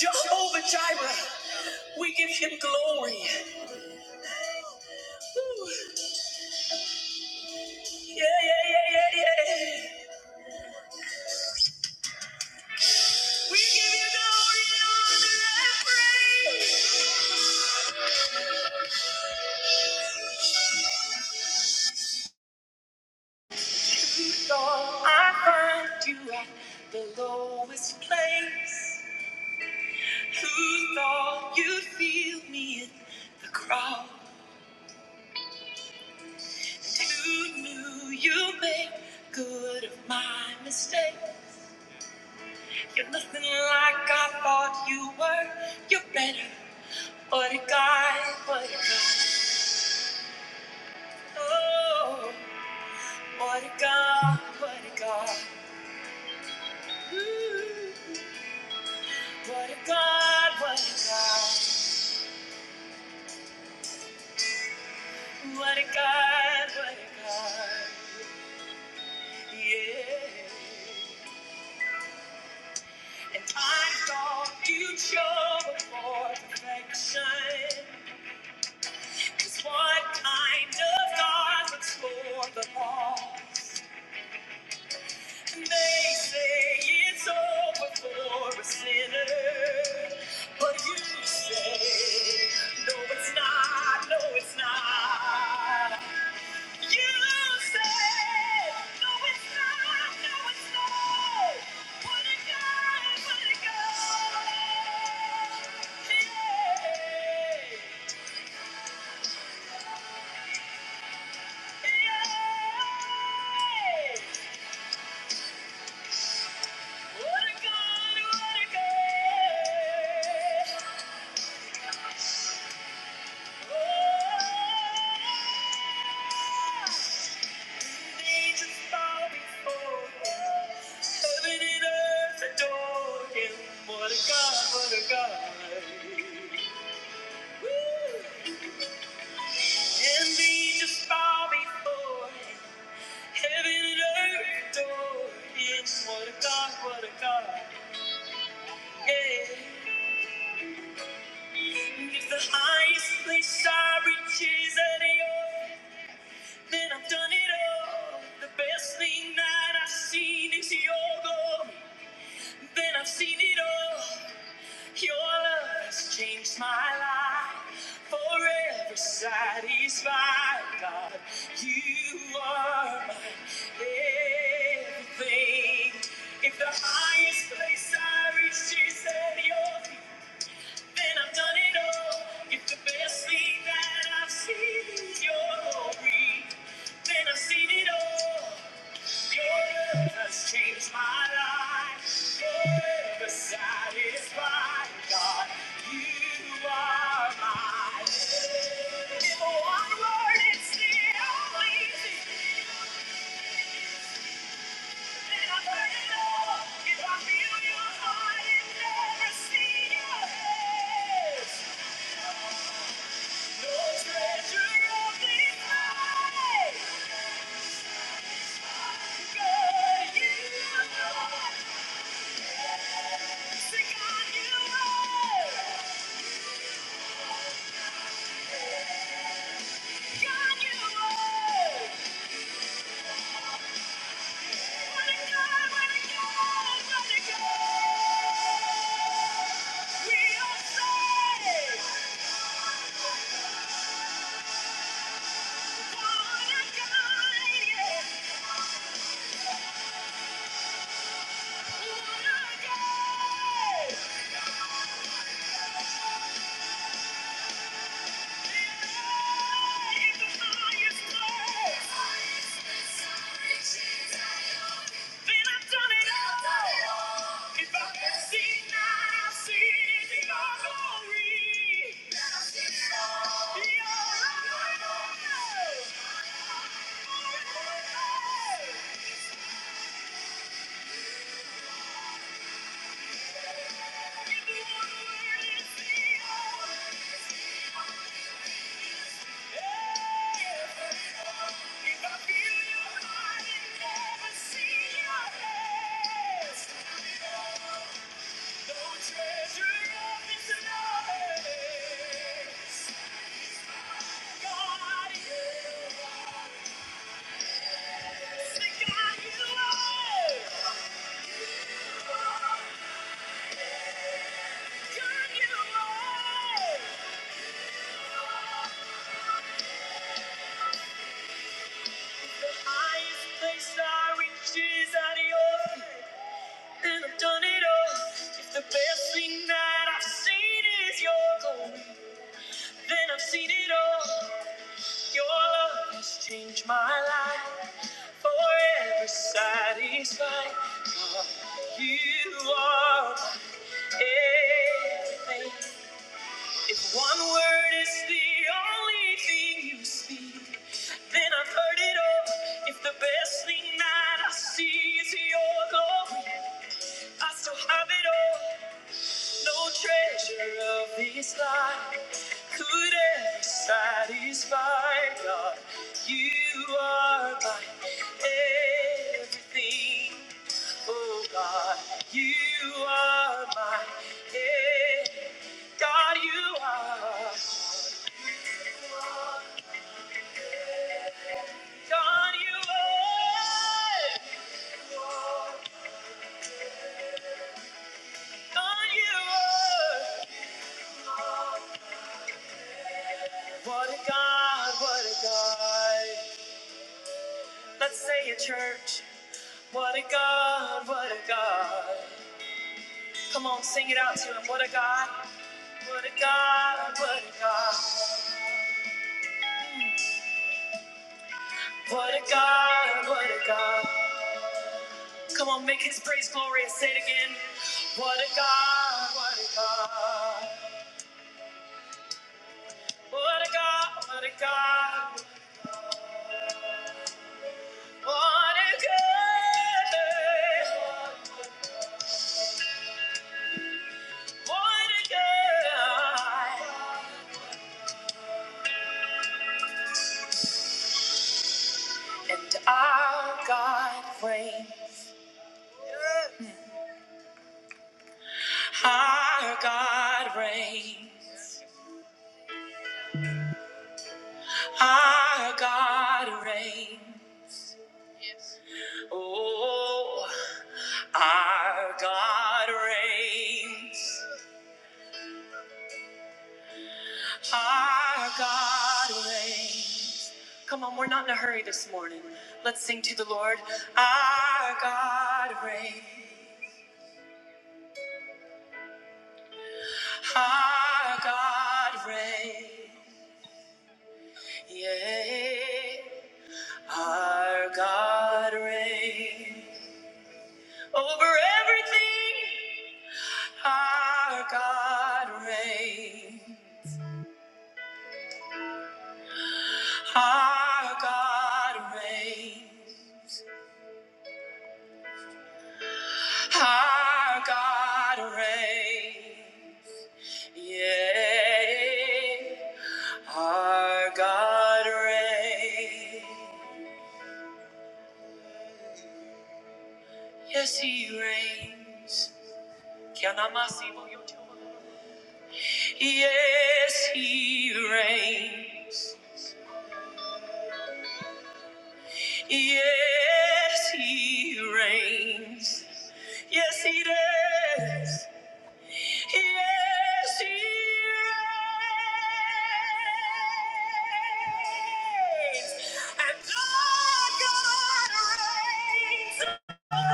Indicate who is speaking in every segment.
Speaker 1: Jehovah Jireh, we give him glory. Yeah, yeah, yeah, yeah, yeah. We give you glory and honor and praise. If you thought I you at the lowest place. Who thought you'd feel me in the crowd? Who knew you made good of my mistake? You're nothing like I thought you were. You're better. What a guy, what a guy. Oh, what a God, what a God. Ooh, what a God, what a God. What a God, what a God. Yeah. And I thought you'd show it for perfection. Just what kind of God looks for the lost? And they say it's over for a sinner. But you say, no, it's not, no, it's not. Heaven and earth adore him. What a God, what a God. Woo! Can be just bow before heaven and earth adore. Yes, what a God, what a God. Yeah. If the highest place I reach is at your, then I've done it all. The best thing that I've seen is your glory. Then I've seen it all. Your love has changed my life. Forever satisfied, God. You are my everything. If the highest place I reached is at your feet, then I've done it all. If the best thing that I've seen is your glory, then I've seen it all. Your love has changed my life. Your love has satisfied, God. You are mine. If one word is still easy, then I've heard it all. If I feel your heart and never see your face, no treasure of this life. God, you are. Sing on you are. If I can see now, I've seen your glory. Placed our riches at your feet. And I've done it all. If the best thing that I've seen is your glory, then I've seen it all. Your love has changed my life, forever satisfied. You are everything. If one word is the only thing you speak, then I've heard it all. If the best thing that I see is your glory, I still have it all. No treasure of this life could ever satisfy, God. You are my everything, oh God. You are my everything. God, you are. God, you are. God, you are. What a God, what a God. Let's say it, church. What a God, what a God. Come on, sing it out to him. What a God, what a God, what a God, what a God, what a God. Come on, make his praise glorious. Say it again. What a God, what a God, what a God, what a God, what a God, what a God. And our God reigns, our God reigns, our God reigns. Oh, our God reigns. Our God reigns. Come on, we're not in a hurry this morning. Let's sing to the Lord. Our God reigns. Our God reigns. Yea, our God reigns. Over everything, our God reigns. Our God reigns. Our God reigns. Yeah. Our God reigns. Yes, He reigns. Can I mas- Yes, He reigns. Yes, He reigns. Yes, He does. Yes, He reigns. And our God reigns. Thank you.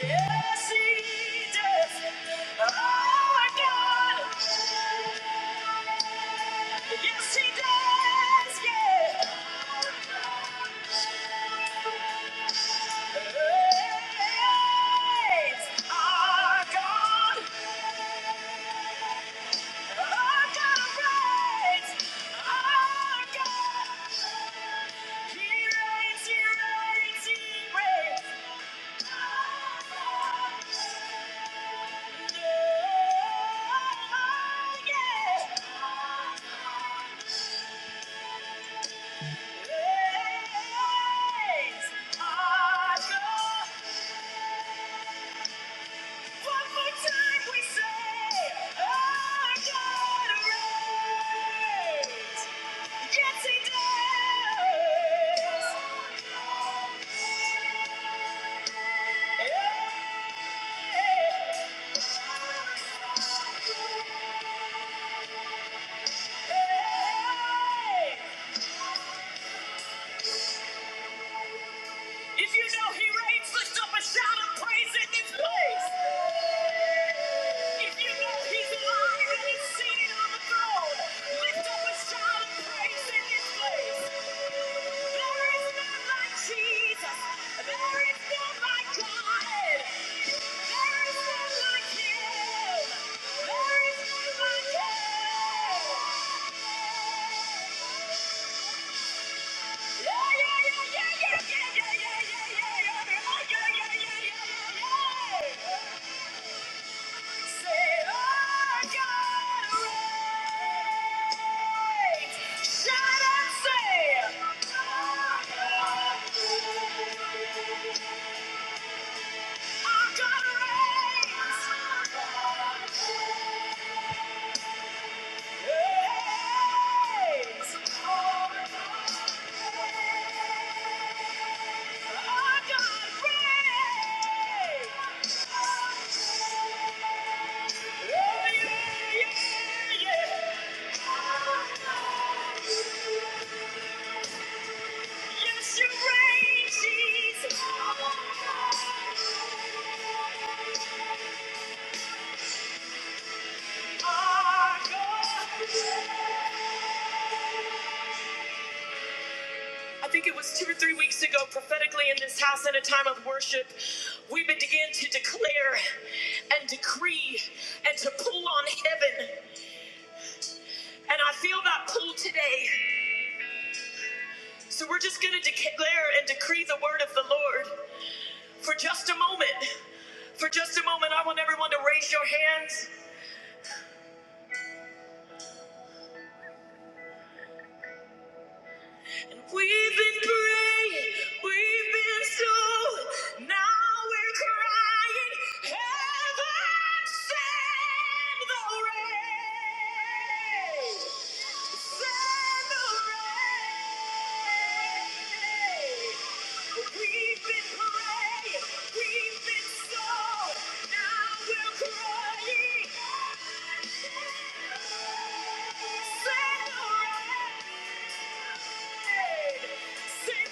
Speaker 1: Yes, he does. Oh, my God. Yes, he does. Yeah. Praise our God. Our God reigns. Our God. He reigns, he reigns, he reigns. Yeah. Yeah. If you know he reigns, lift up a shout of praise in this place. If you know he's alive and he's seated on the throne, lift up a shout of praise in this place. There is none like Jesus. There is none like God. There is none like him. There is none like him. Yeah. I think it was two or three weeks ago, prophetically in this house in a time of worship, we began to declare and decree and to pull on heaven. And I feel that pull today. So we're just going to declare and decree the word of the Lord. For just a moment, for just a moment, I want everyone to raise your hands. We've been praying, we've been so, now we're crying. Heaven send the rain. Say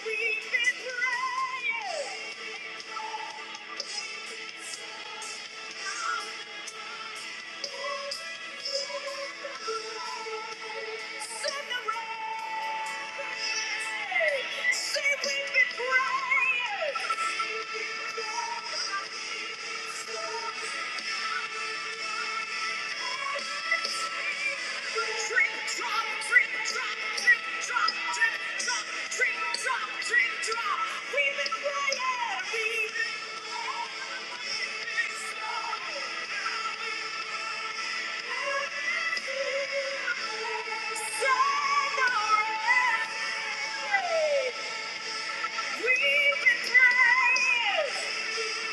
Speaker 1: we've been praying. Thank you. We've been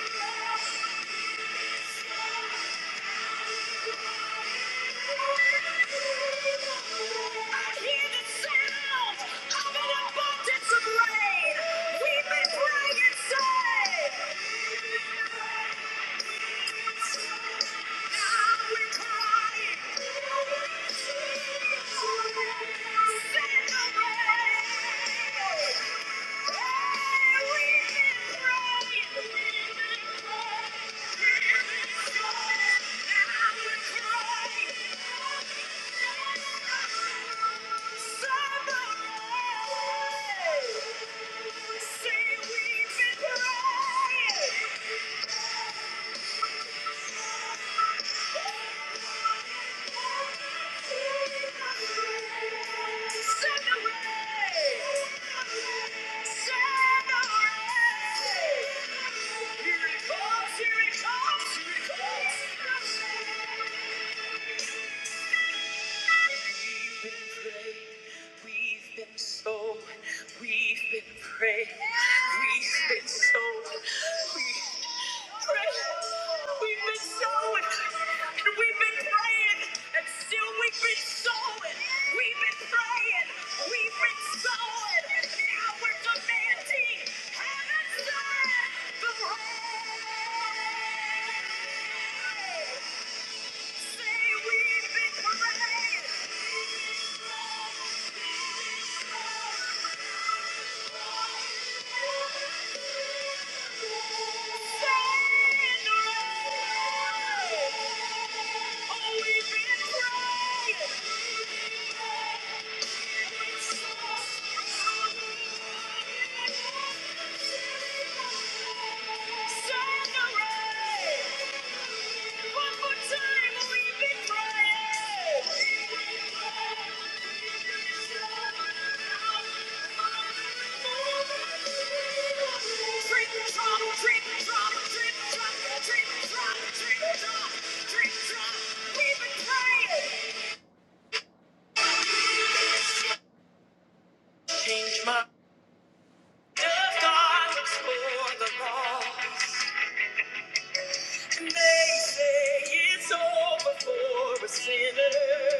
Speaker 1: praying. Thank you. Somebody say we've been crying. Here it comes, here it comes, here it comes. We've been prayed, we've been sold, we've been prayed, we've been sold, we've prayed, we've been sold, and we've been praying, and still we've been sold, we've been praying, we've been sold, now we're demanding heaven's the rain. Oh, we've been praying. Change my If God looks for the lost, they say it's over for a sinner.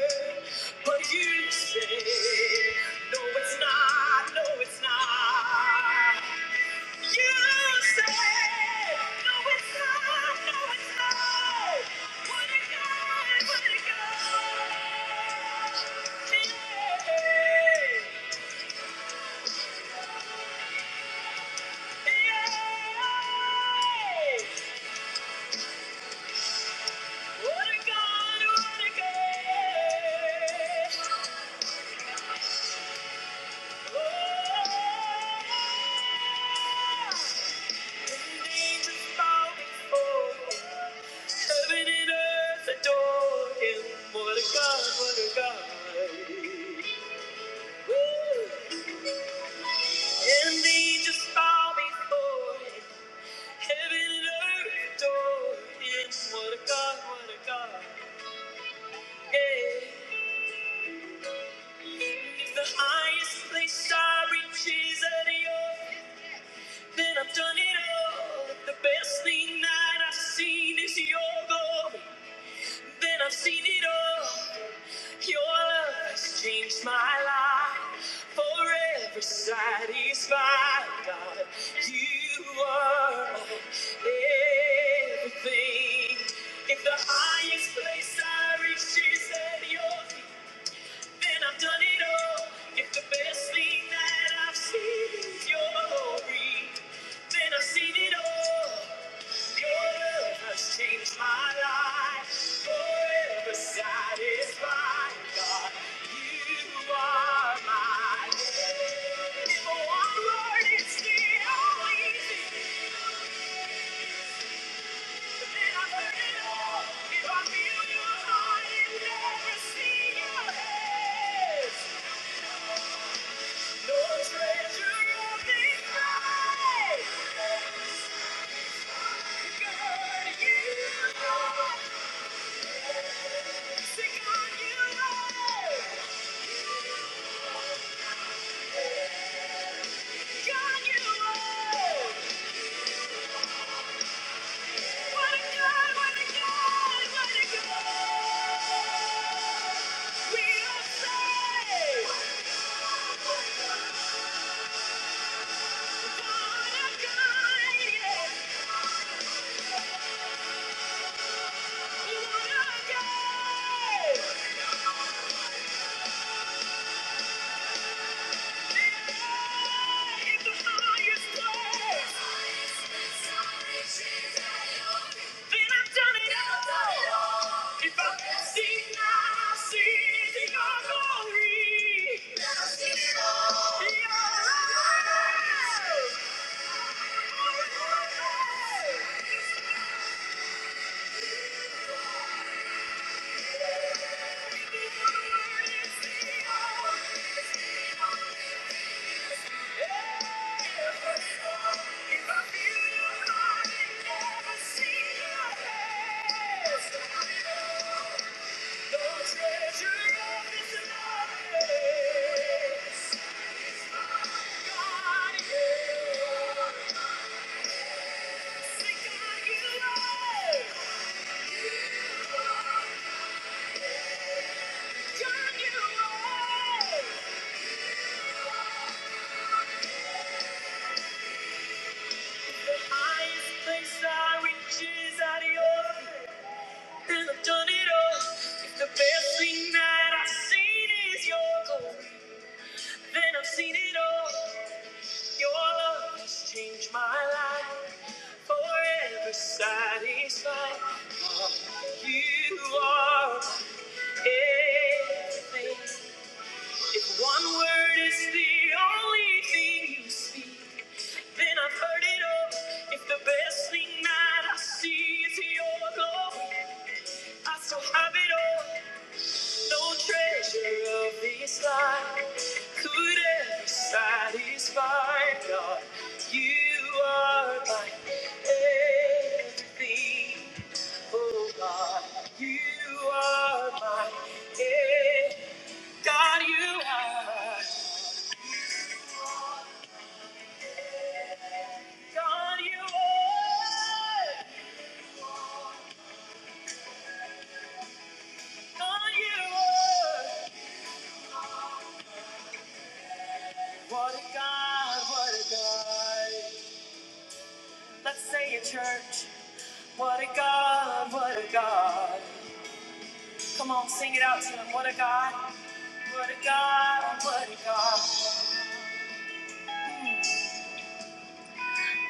Speaker 1: But you say, no, it's not, no, it's not. You say, no, it's not, no, it's not. Put it down, put it down. Yeah, yeah. Yeah. The highest place I reach is at your Then I've done it all. The best thing that I've seen is your glory. Then I've seen it all. Your love has changed my life. Forever satisfied, God. You are my everything. If the highest place I reach is at your feet. And I've done it all. If the best thing that I've seen is your glory, then I've seen it all. Your love has changed my life. Forever satisfied, God, you are my Lord. If one word is still easy, then I've heard it all. If I feel your heart and never see your hand. Yeah. Then I've done it all. If I can see now, I see the glory. Now I see it all. You're alive. The best thing that I've seen is your glory. Then I've seen it all. Your love has changed my life. Forever satisfied. You are everything. If one word is the only thing you speak, then I've heard it all. If the best thing that I see is your glory, I still have it all. No treasure of this life could ever satisfy, God. You are my everything, oh God. You are my God, you are. God, you are. God, you are. What a God, what a God. Let's say it, church. What a God, what a God. Come on, sing it out to him. What a God. What a God, what a God.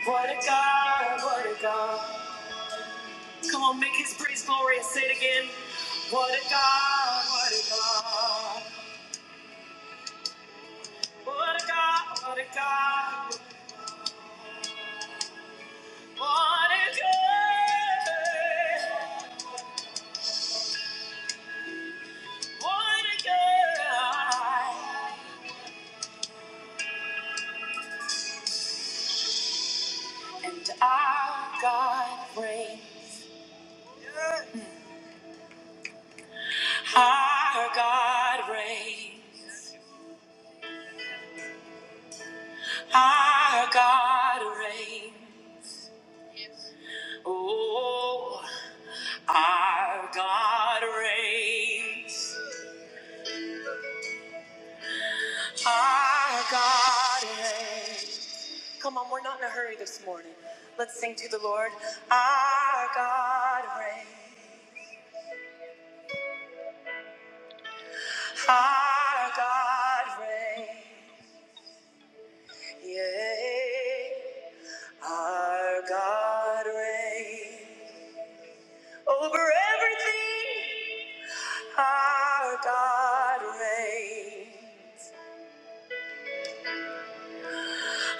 Speaker 1: What a God, what a God. Come on, make his praise glorious. Say it again. What a God, what a God. What a God, what a God. What a girl, what And our God reigns, our God reigns, our God reigns. Oh, our God reigns, our God reigns. Come on, we're not in a hurry this morning. Let's sing to the Lord. Our God reigns. Our God reigns, yea, our God reigns over everything. Our God reigns,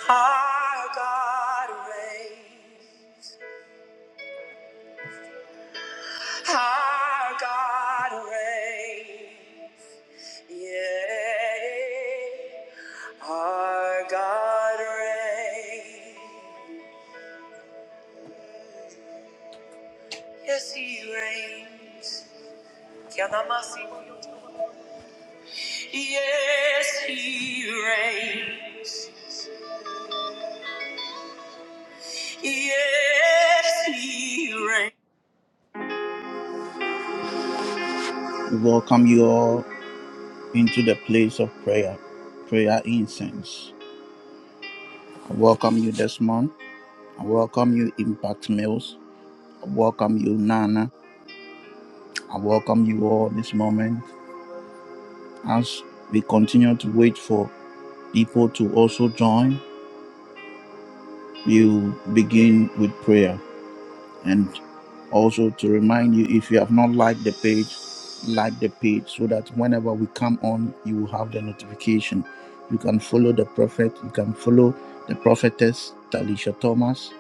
Speaker 1: our God reigns, our God reigns, yea, our God reigns. Yes, He reigns. Yes, he reigns. Yes, he reigns. We welcome you all into the place of prayer, prayer incense. I welcome you this month. I welcome you, Impact Mills. I welcome you, Nana. I welcome you all this moment as we continue to wait for people to also join. We will begin with prayer. and also to remind you if you have not liked the page like the page so that whenever we come on you will have the notification you can follow the prophet you can follow the prophetess talisha thomas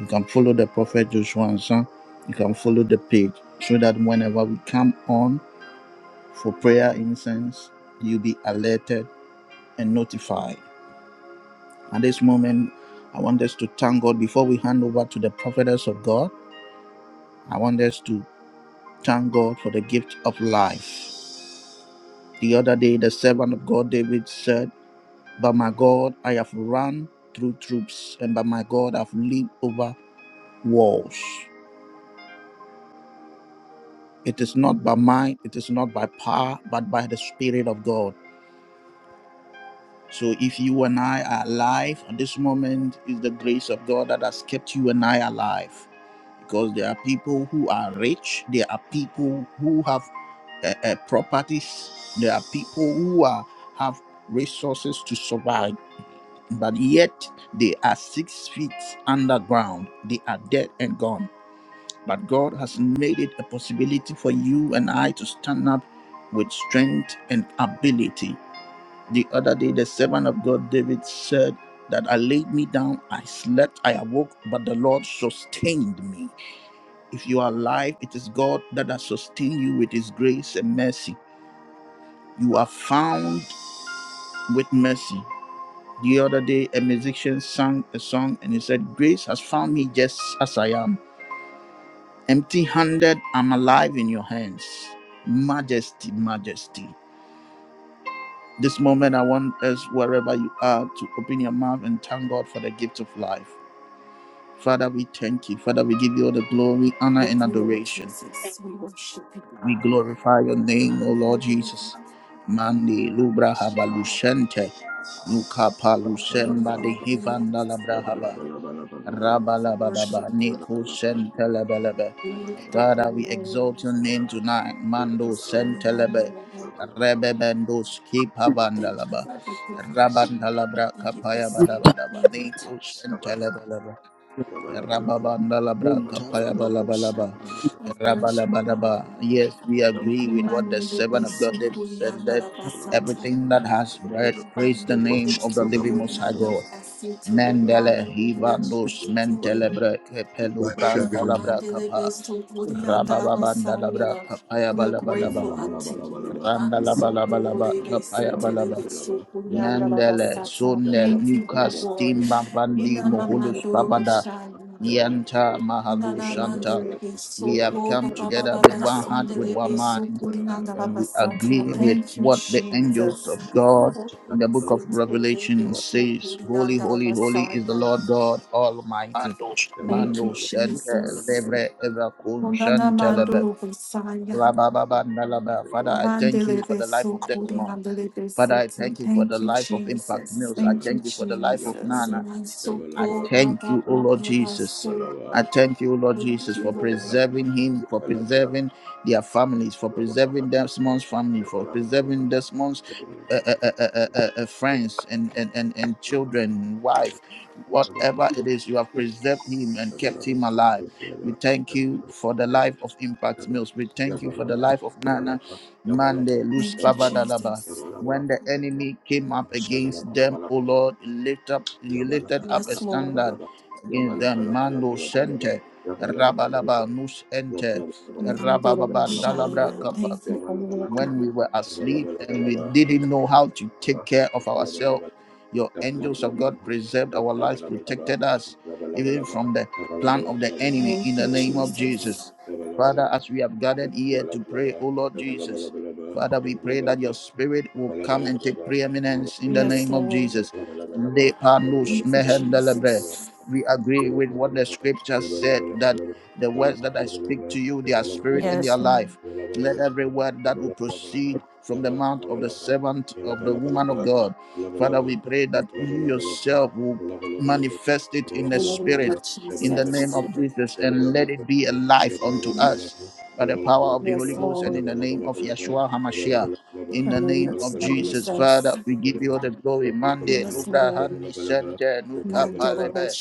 Speaker 1: you can follow the prophet joshua Ansan. you can follow the page so that whenever we come on for prayer incense you'll be alerted and notified at this moment i want us to thank god before we hand over to the prophetess of god i want us to Thank God for the gift of life. The other day, the servant of God David said, By my God, I have run through troops, and by my God, I've leaped over walls. It is not by might, it is not by power, but by the Spirit of God. So if you and I are alive at this moment, is the grace of God that has kept you and I alive. because there are people who are rich, there are people who have uh, uh, properties, there are people who are have resources to survive, but yet they are six feet underground. They are dead and gone. But God has made it a possibility for you and I to stand up with strength and ability. The other day, the servant of God David said that I laid me down, I slept, I awoke, but the Lord sustained me. If you are alive, it is God that has sustained you with his grace and mercy. You are found with mercy. The other day, a musician sang a song and he said, Grace has found me just as I am. Empty handed, I'm alive in your hands. Majesty, majesty. This moment, I want us, wherever you are, to open your mouth and thank God for the gift of life. Father, we thank you. Father, we give you all the glory, honor, and adoration. We glorify your name, O Lord Jesus. Mandi lubra habalushente, nukapa
Speaker 2: Russia,
Speaker 1: lusemba de hivanda labrahaba, rabalabadaba, niko sentelebelebe. Father, we exalt your name tonight. Mando sentelebe, rebebendo skipa vandalaba, rabandalabra kapaya badabadaba, niko Rababandalabra
Speaker 3: Unta-
Speaker 1: kapayabalabalaba. Rabalabalaba. Yes, we agree with what the servant of God David said. that everything that has breath praise the name of the living Most High God. Mendele hivandos mentelebre kepelubrantalabra kapa. Rabababandalabra kapayabalabalaba. Randalabalabalaba kapayabalaba. Mandele, Sonel, Newcast, Timba, Bandi, Moholus, Babada, Yanta, Mahalu, Shanta. We have come together with one heart, with one mind, and we agree with what the angels of God in the book
Speaker 2: Yabba
Speaker 1: of Revelation says Holy, holy, holy is the Lord God Almighty. Mando Shanta, Levre, Eva, Kun, Shanta, Lebe, Rabababa, Nalaba. Father, I thank you for the life of Desmond. Father, I thank you for the life of Impact Mills. I thank you for the life of Nana. I thank you, O Lord Jesus. I
Speaker 2: Yabalaba,
Speaker 1: thank you, O Lord Jesus, for preserving him, for preserving their families, for preserving Desmond's family, for preserving Desmond's uh, uh, uh, uh, uh, uh, uh, friends and, and, and, and children, wife, whatever it is, you have preserved him and kept him alive. We thank you for the life of Impact Mills. We thank you for the life of Nana Mande Luz Pavadalaba when the enemy came up against them, O Lord, lift up, you lifted up a standard against them. Mando sente, rabalaba nus ente,
Speaker 2: Yabba
Speaker 1: rabababa when we were asleep and we didn't know how to take care of ourselves. Your angels of God preserved our lives, protected us even from the plan of the enemy in the name of Jesus. Father, as we have gathered here to pray, O Lord Jesus, Father, we pray that your spirit will come and take preeminence in the name of Jesus. De panus mehendelebre. We agree with
Speaker 2: Yabba
Speaker 1: what the scripture said that the words that I speak to you, they are spirit and they are life. Let every word that will proceed from the mouth of the servant of the woman of God, Father, we pray that you yourself will manifest it in the spirit in the name of Jesus and let it be a life unto us by the power of the Holy Ghost and in the name of Yeshua HaMashiach. In the name of Jesus, Father, we give you all the glory. Mande, Lubra, Handi, Sente, Nuka, Palebe,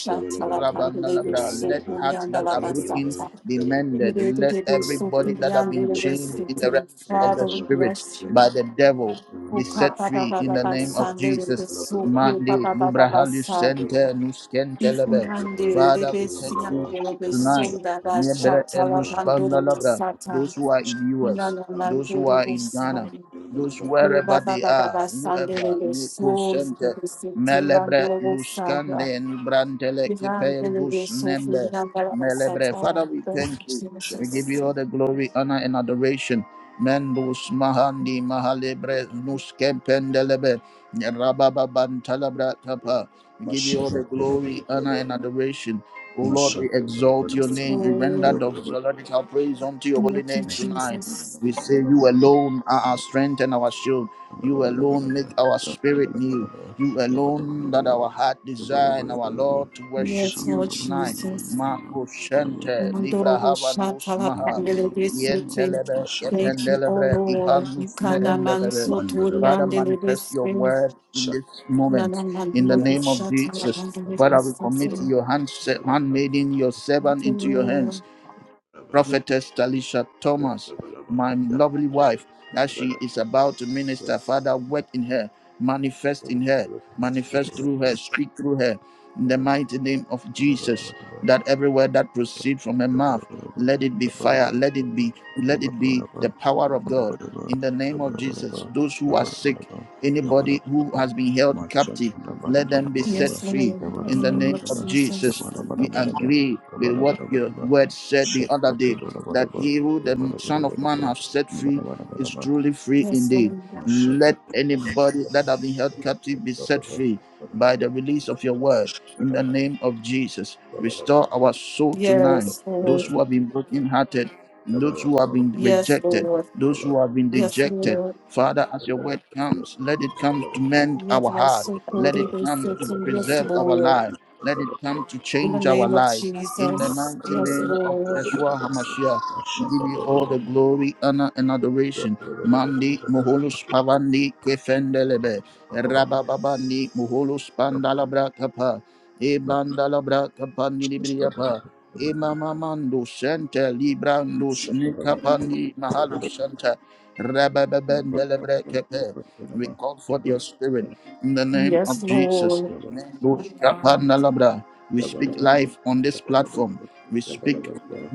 Speaker 1: Rabba, Nalabra. Let hearts that are broken be mended. Let everybody that have been chained in the realms of the spirit by the devil be set free in the name of Jesus. Mandi Lubrahalus Sente Nuskentelebe. Father, we thank you tonight. Nebre Elus Pandalabra. Those who are in US, those who
Speaker 2: Mashallah,
Speaker 1: are in Ghana, those wherever they are, whoever, Neko Sente, Melebre Luskande, Nubrantele Kepe Bus Nembe, Melebre. Father, we thank you. We give you all the glory, honor, and adoration. Mendus Mahandi Mahalebre Nuskempendelebe Rababantalabra Tapa. We give you all the glory, honor, and adoration. O Lord, we exalt your name. We render doxological praise unto your holy name
Speaker 2: Mashallah,
Speaker 1: tonight. We say you alone are our strength and our shield. You alone make our spirit new. You alone that our heart desire and our Lord to worship you tonight. Makushente Libra Havanus Maha Yentelebe Kependelebre Ipanus Mehendelebe. Father, manifest your word in this moment in the name of Jesus. Father, we commit your hand, handmaiden, your servant into your hands
Speaker 3: yanza
Speaker 1: prophetess Talisha Thomas, my lovely wife, that she is about to minister. Father, work in her, manifest in her, manifest through her, speak through her, in the mighty name of Jesus. That every word
Speaker 2: Shut
Speaker 1: that proceeds from her mouth, let it be fire, let it be, let it be the power of God. In the name of Jesus, those who are sick, anybody who has been held captive, let them be set free. In the name of Jesus, we agree with what your word said the other day that he who the Son of Man has set free is truly free indeed. Let anybody that have been held captive be set free by the release of your word in the name of Jesus. Restore our soul tonight. Those who have been brokenhearted, those who have been rejected, those who have been dejected. Father,
Speaker 2: Right, bala bala bala bala
Speaker 1: as your word comes, let it come to mend our heart. Let it come to preserve our life. Let it come to change our lives. In the mighty name of Yeshua HaMashiach, we give you all the glory, honor, and adoration. Mandi Moholus Pavandi Kwefendelebe, Rabababandi Moholus Pandalabra Kapa, E Bandalabra Kapandi Libriapa, E Mamamando Santa Librandus Nikapandi Mahalus Santa, Rabababandelebre Kepe. We call for your spirit in the name of Jesus. Kapandalabra. We speak life on this platform. We speak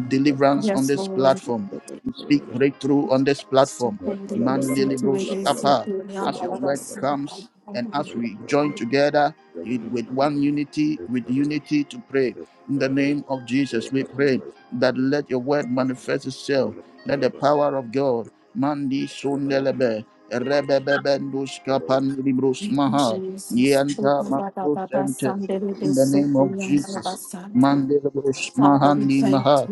Speaker 1: deliverance on this platform. We speak breakthrough on this platform. Mandelibros
Speaker 2: bala bala
Speaker 1: apart. As your
Speaker 2: bala
Speaker 1: word
Speaker 2: bala
Speaker 1: comes and as we join together it with one unity, with unity to pray. In the name of Jesus, we pray that let your word manifest itself. Let the power of God Mandi
Speaker 2: Mashaka
Speaker 1: Sundelebe, Rebebebendus Kapandilibrus Maha, Yanta Makros Enter, in the name of Jesus. Mandelebus Mahandi Maha,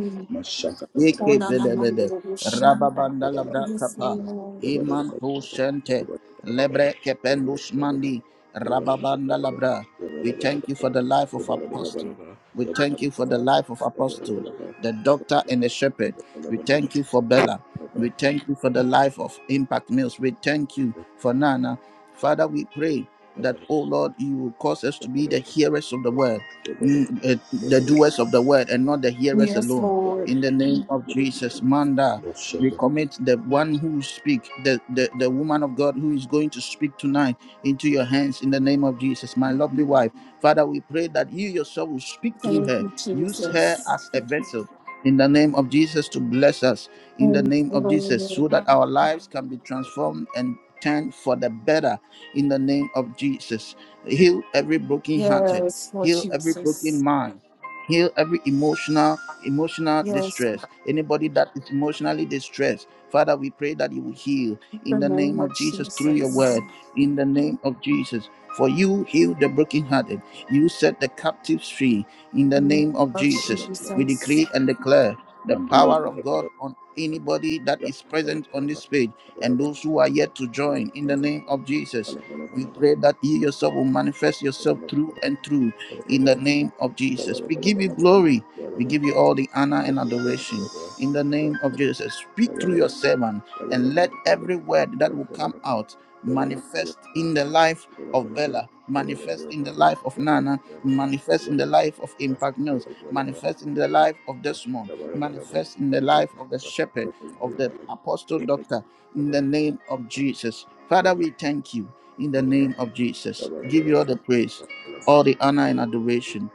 Speaker 1: Eke belebede. Rababanda labra kapa. Imantu shente. Lebre kependus mandi. Rababanda labra. We thank you for the life of Apostle. We thank you for the life of Apostle, the doctor and the shepherd. We thank you for Bella. We thank you for the life of Impact Mills. We thank you for Nana. Father, we pray that, oh Lord, you will cause us to be the hearers of the
Speaker 2: Thank
Speaker 1: word, mm, eh, the doers of the word, and not the hearers alone in the name of Jesus. Manda, we commit the one who speak, the, the, the woman of God who is going to speak tonight into your hands in the name of Jesus, my lovely wife. Father, we pray that you yourself will speak through her. Use her as a vessel in the name of Jesus to bless us in the name of Jesus so that our lives can be transformed and turned for the better in the name of Jesus. Heal every broken hearted, heal every broken mind, heal every emotional emotional distress, anybody that is emotionally distressed, Father, we pray that you will heal in the name of Jesus through your word, in the name of Jesus. For you heal the brokenhearted, you set the captives free in the name of Jesus. We decree and declare the power of God on anybody that is present on this page and those who are yet to join in the name of Jesus. We pray that you yourself will manifest yourself through and through in the name of Jesus. We give you glory. We give you all the honor and adoration in the name of Jesus. Speak through your servant and let every word that will come out manifest in the life of Bella, manifest in the life of Nana, manifest in the life of Impact News, manifest in the life of Desmond, manifest in the life of the shepherd, of the apostle doctor, in
Speaker 2: you.
Speaker 1: the name of Jesus. Father,
Speaker 2: Shut
Speaker 1: we thank you in the name of Jesus. Give you all the praise, all the honor and adoration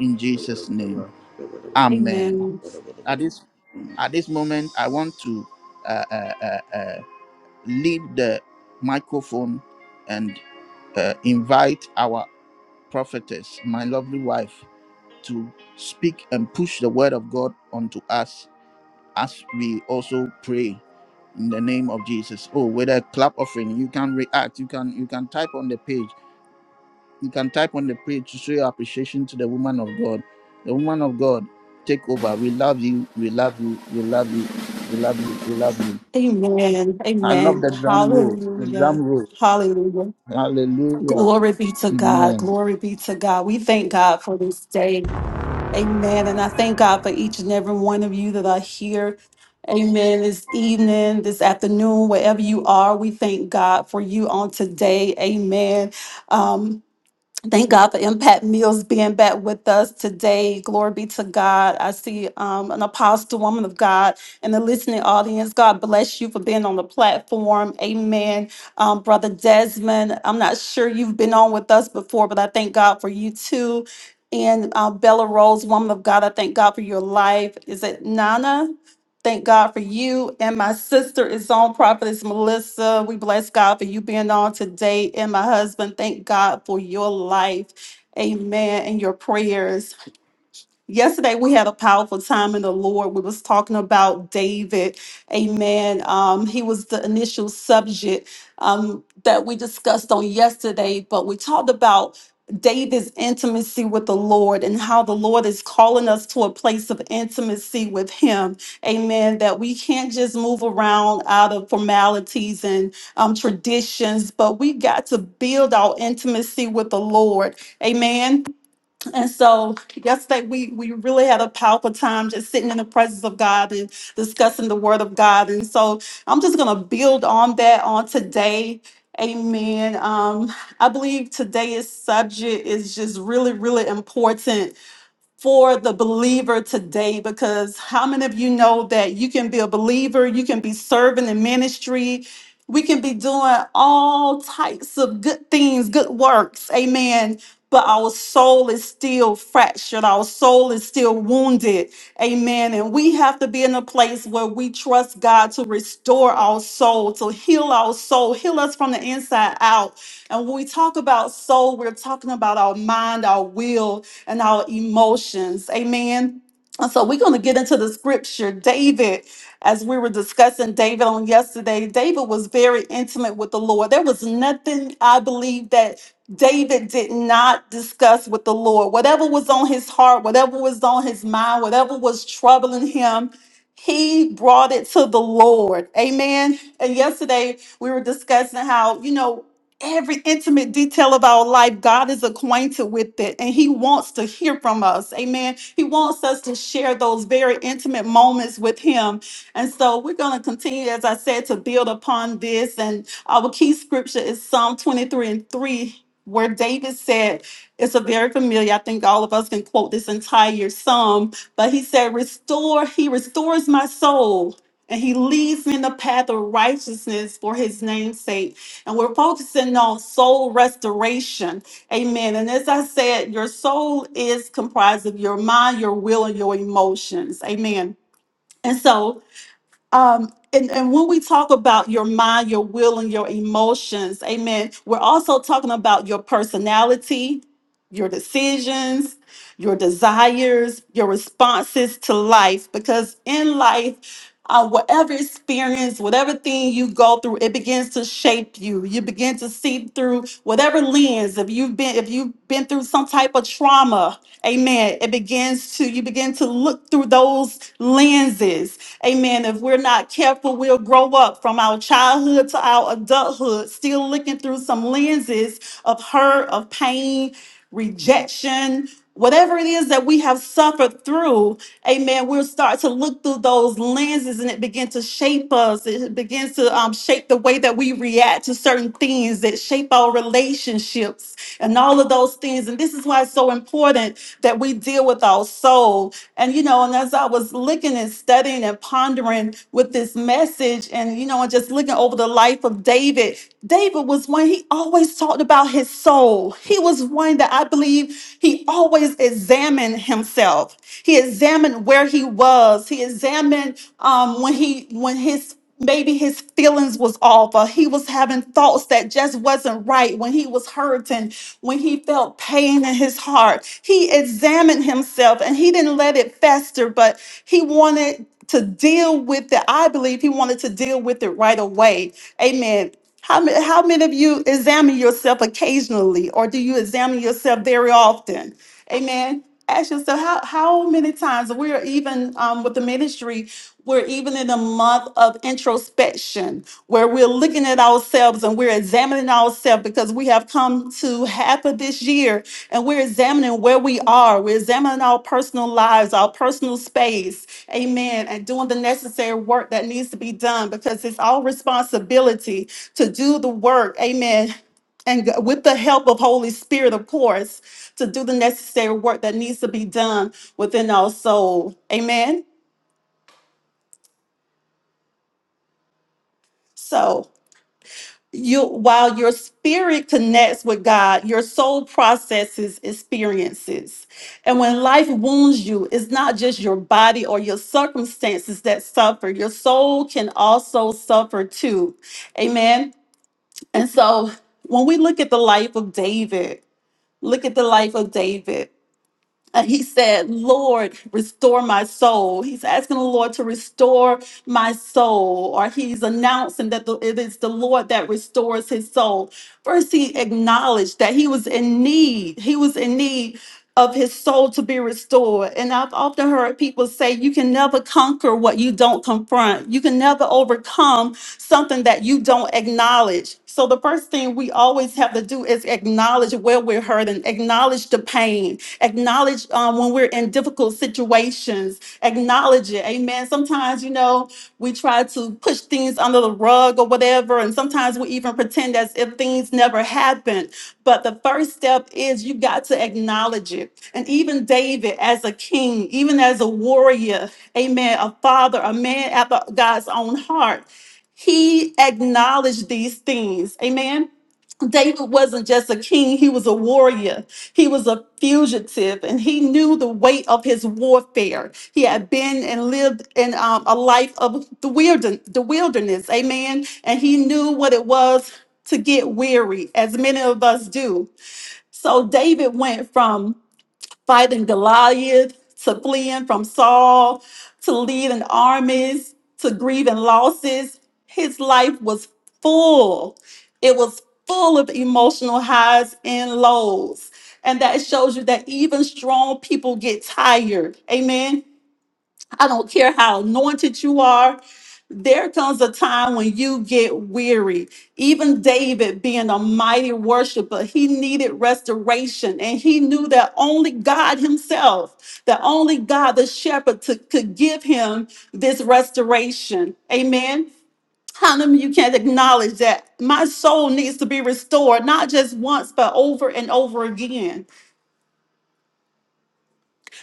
Speaker 1: in Jesus' name. Amen. At this at this moment, I want to uh, uh, uh, uh, leave the microphone and uh, invite our prophetess, my lovely wife, to speak and push the word of God onto us as we also pray in the name of Jesus. Oh, with a clap offering, you can react. You can you can type on the page. You can type on the page to show your appreciation to the woman of God. The woman of God, take over. We love you. We love you. We love you. We love you. We love you. I love the drum roll. The drum roll. Hallelujah. Amen.
Speaker 4: you that are here. Amen. This evening, this afternoon, wherever you are, we thank God for you on today. Amen. Um, Thank God for Impact Meals being back with us today. Glory be to God. I see um, an apostle, woman of God, in the listening audience. God bless you for being on the platform. Amen. Um, Brother Desmond, I'm not sure you've been on with us before, but I thank God for you too. And uh, Bella Rose, woman of God, I thank God for your life. Is it Nana? Thank God for you. And my sister is on, Prophetess Melissa. We bless God for you being on today. And my husband, thank God for your life. Amen. And your prayers yesterday we had a powerful time in the lord we was talking about david amen um, he was the initial subject um, that we discussed on yesterday but we talked about david's intimacy with the lord and how the lord is calling us to a place of intimacy with him amen that we can't just move around out of formalities and um, traditions but we got to build our intimacy with the lord amen and so yesterday we we really had a powerful time just sitting in the presence of God and discussing the word of God. And so I'm just gonna build on that on today. Amen. Um, I believe today's subject is just really, really important for the believer today because how many of you know that you can be a believer, you can be serving in ministry, we can be doing all types of good things, good works, amen. But our soul is still fractured, our soul is still wounded, amen. And we have to be in a place where we trust God to restore our soul, to heal our soul, heal us from the inside out. And when we talk about soul, we're talking about our mind, our will, and our emotions. Amen. And so we're going to get into the scripture. David, as we were discussing David on yesterday, David was very intimate with the Lord. There was nothing I believe that David did not discuss with the Lord. Whatever was on his heart, whatever was on his mind, whatever was troubling him, he brought it to the Lord. Amen. And yesterday we were discussing how, you know, every intimate detail of our life, God is acquainted with it and He wants to hear from us. Amen. He wants us to share those very intimate moments with Him. And so we're going to continue, as I said, to build upon this. And our key scripture is Psalm 23 and 3. Where David said, it's a very familiar, I think all of us can quote this entire psalm, but he said, Restore, he restores my soul, and he leads me in the path of righteousness for his name's sake. And we're focusing on soul restoration. Amen. And as I said, your soul is comprised of your mind, your will, and your emotions. Amen. And so um and, and when we talk about your mind your will and your emotions amen we're also talking about your personality your decisions your desires your responses to life because in life uh, whatever experience whatever thing you go through it begins to shape you you begin to see through whatever lens if you've been if you've been through some type of trauma amen it begins to you begin to look through those lenses Amen. If we're not careful, we'll grow up from our childhood to our adulthood, still looking through some lenses of hurt, of pain, rejection, whatever it is that we have suffered through, amen, we'll start to look through those lenses and it begins to shape us. It begins to um, shape the way that we react to certain things that shape our relationships and all of those things. And this is why it's so important that we deal with our soul. And, you know, and as I was looking and studying and pondering with this message and, you know, and just looking over the life of David, David was one, he always always talked about his soul. He was one that I believe he always examined himself. He examined where he was. He examined um, when he when his maybe his feelings was off or he was having thoughts that just wasn't right when he was hurting when he felt pain in his heart he examined himself and he didn't let it fester but he wanted to deal with it i believe he wanted to deal with it right away amen how many, how many of you examine yourself occasionally, or do you examine yourself very often? Amen. Ask yourself how, how many times we're even um, with the ministry, we're even in a month of introspection where we're looking at ourselves and we're examining ourselves because we have come to half of this year and we're examining where we are. We're examining our personal lives, our personal space. Amen. And doing the necessary work that needs to be done because it's our responsibility to do the work, amen. And g- with the help of Holy Spirit, of course, to do the necessary work that needs to be done within our soul. Amen. So you while your spirit connects with God, your soul processes experiences. And when life wounds you, it's not just your body or your circumstances that suffer. Your soul can also suffer too. Amen. And so when we look at the life of David, Look at the life of David. And he said, Lord, restore my soul. He's asking the Lord to restore my soul, or he's announcing that the- it is the Lord that restores his soul. First, he acknowledged that he was in need. He was in need of his soul to be restored. And I've often heard people say, you can never conquer what you don't confront, you can never overcome something that you don't acknowledge. So, the first thing we always have to do is acknowledge where we're hurting, acknowledge the pain Acknowledge um, when we're in difficult situations. Acknowledge it. Amen. Sometimes, you know, we try to push things under the rug or whatever. And sometimes we even pretend as if things never happened. But the first step is you got to acknowledge it. And even David, as a king, even as a warrior, amen, a father, a man after God's own heart, he acknowledged these things. Amen. David wasn't just a king, he was a warrior. He was a fugitive and he knew the weight of his warfare. He had been and lived in um, a life of the, wilderness, the wilderness, amen. And he knew what it was to get weary, as many of us do. So David went from fighting Goliath, to fleeing from Saul, to leading armies, to grieving losses. His life was full. It was full of emotional highs and lows. And that shows you that even strong people get tired. Amen. I don't care how anointed you are. There comes a time when you get weary. Even David, being a mighty worshiper, he needed restoration. And he knew that only God himself, that only God, the shepherd, to- could give him this restoration. Amen. How many of you can't acknowledge that my soul needs to be restored, not just once, but over and over again?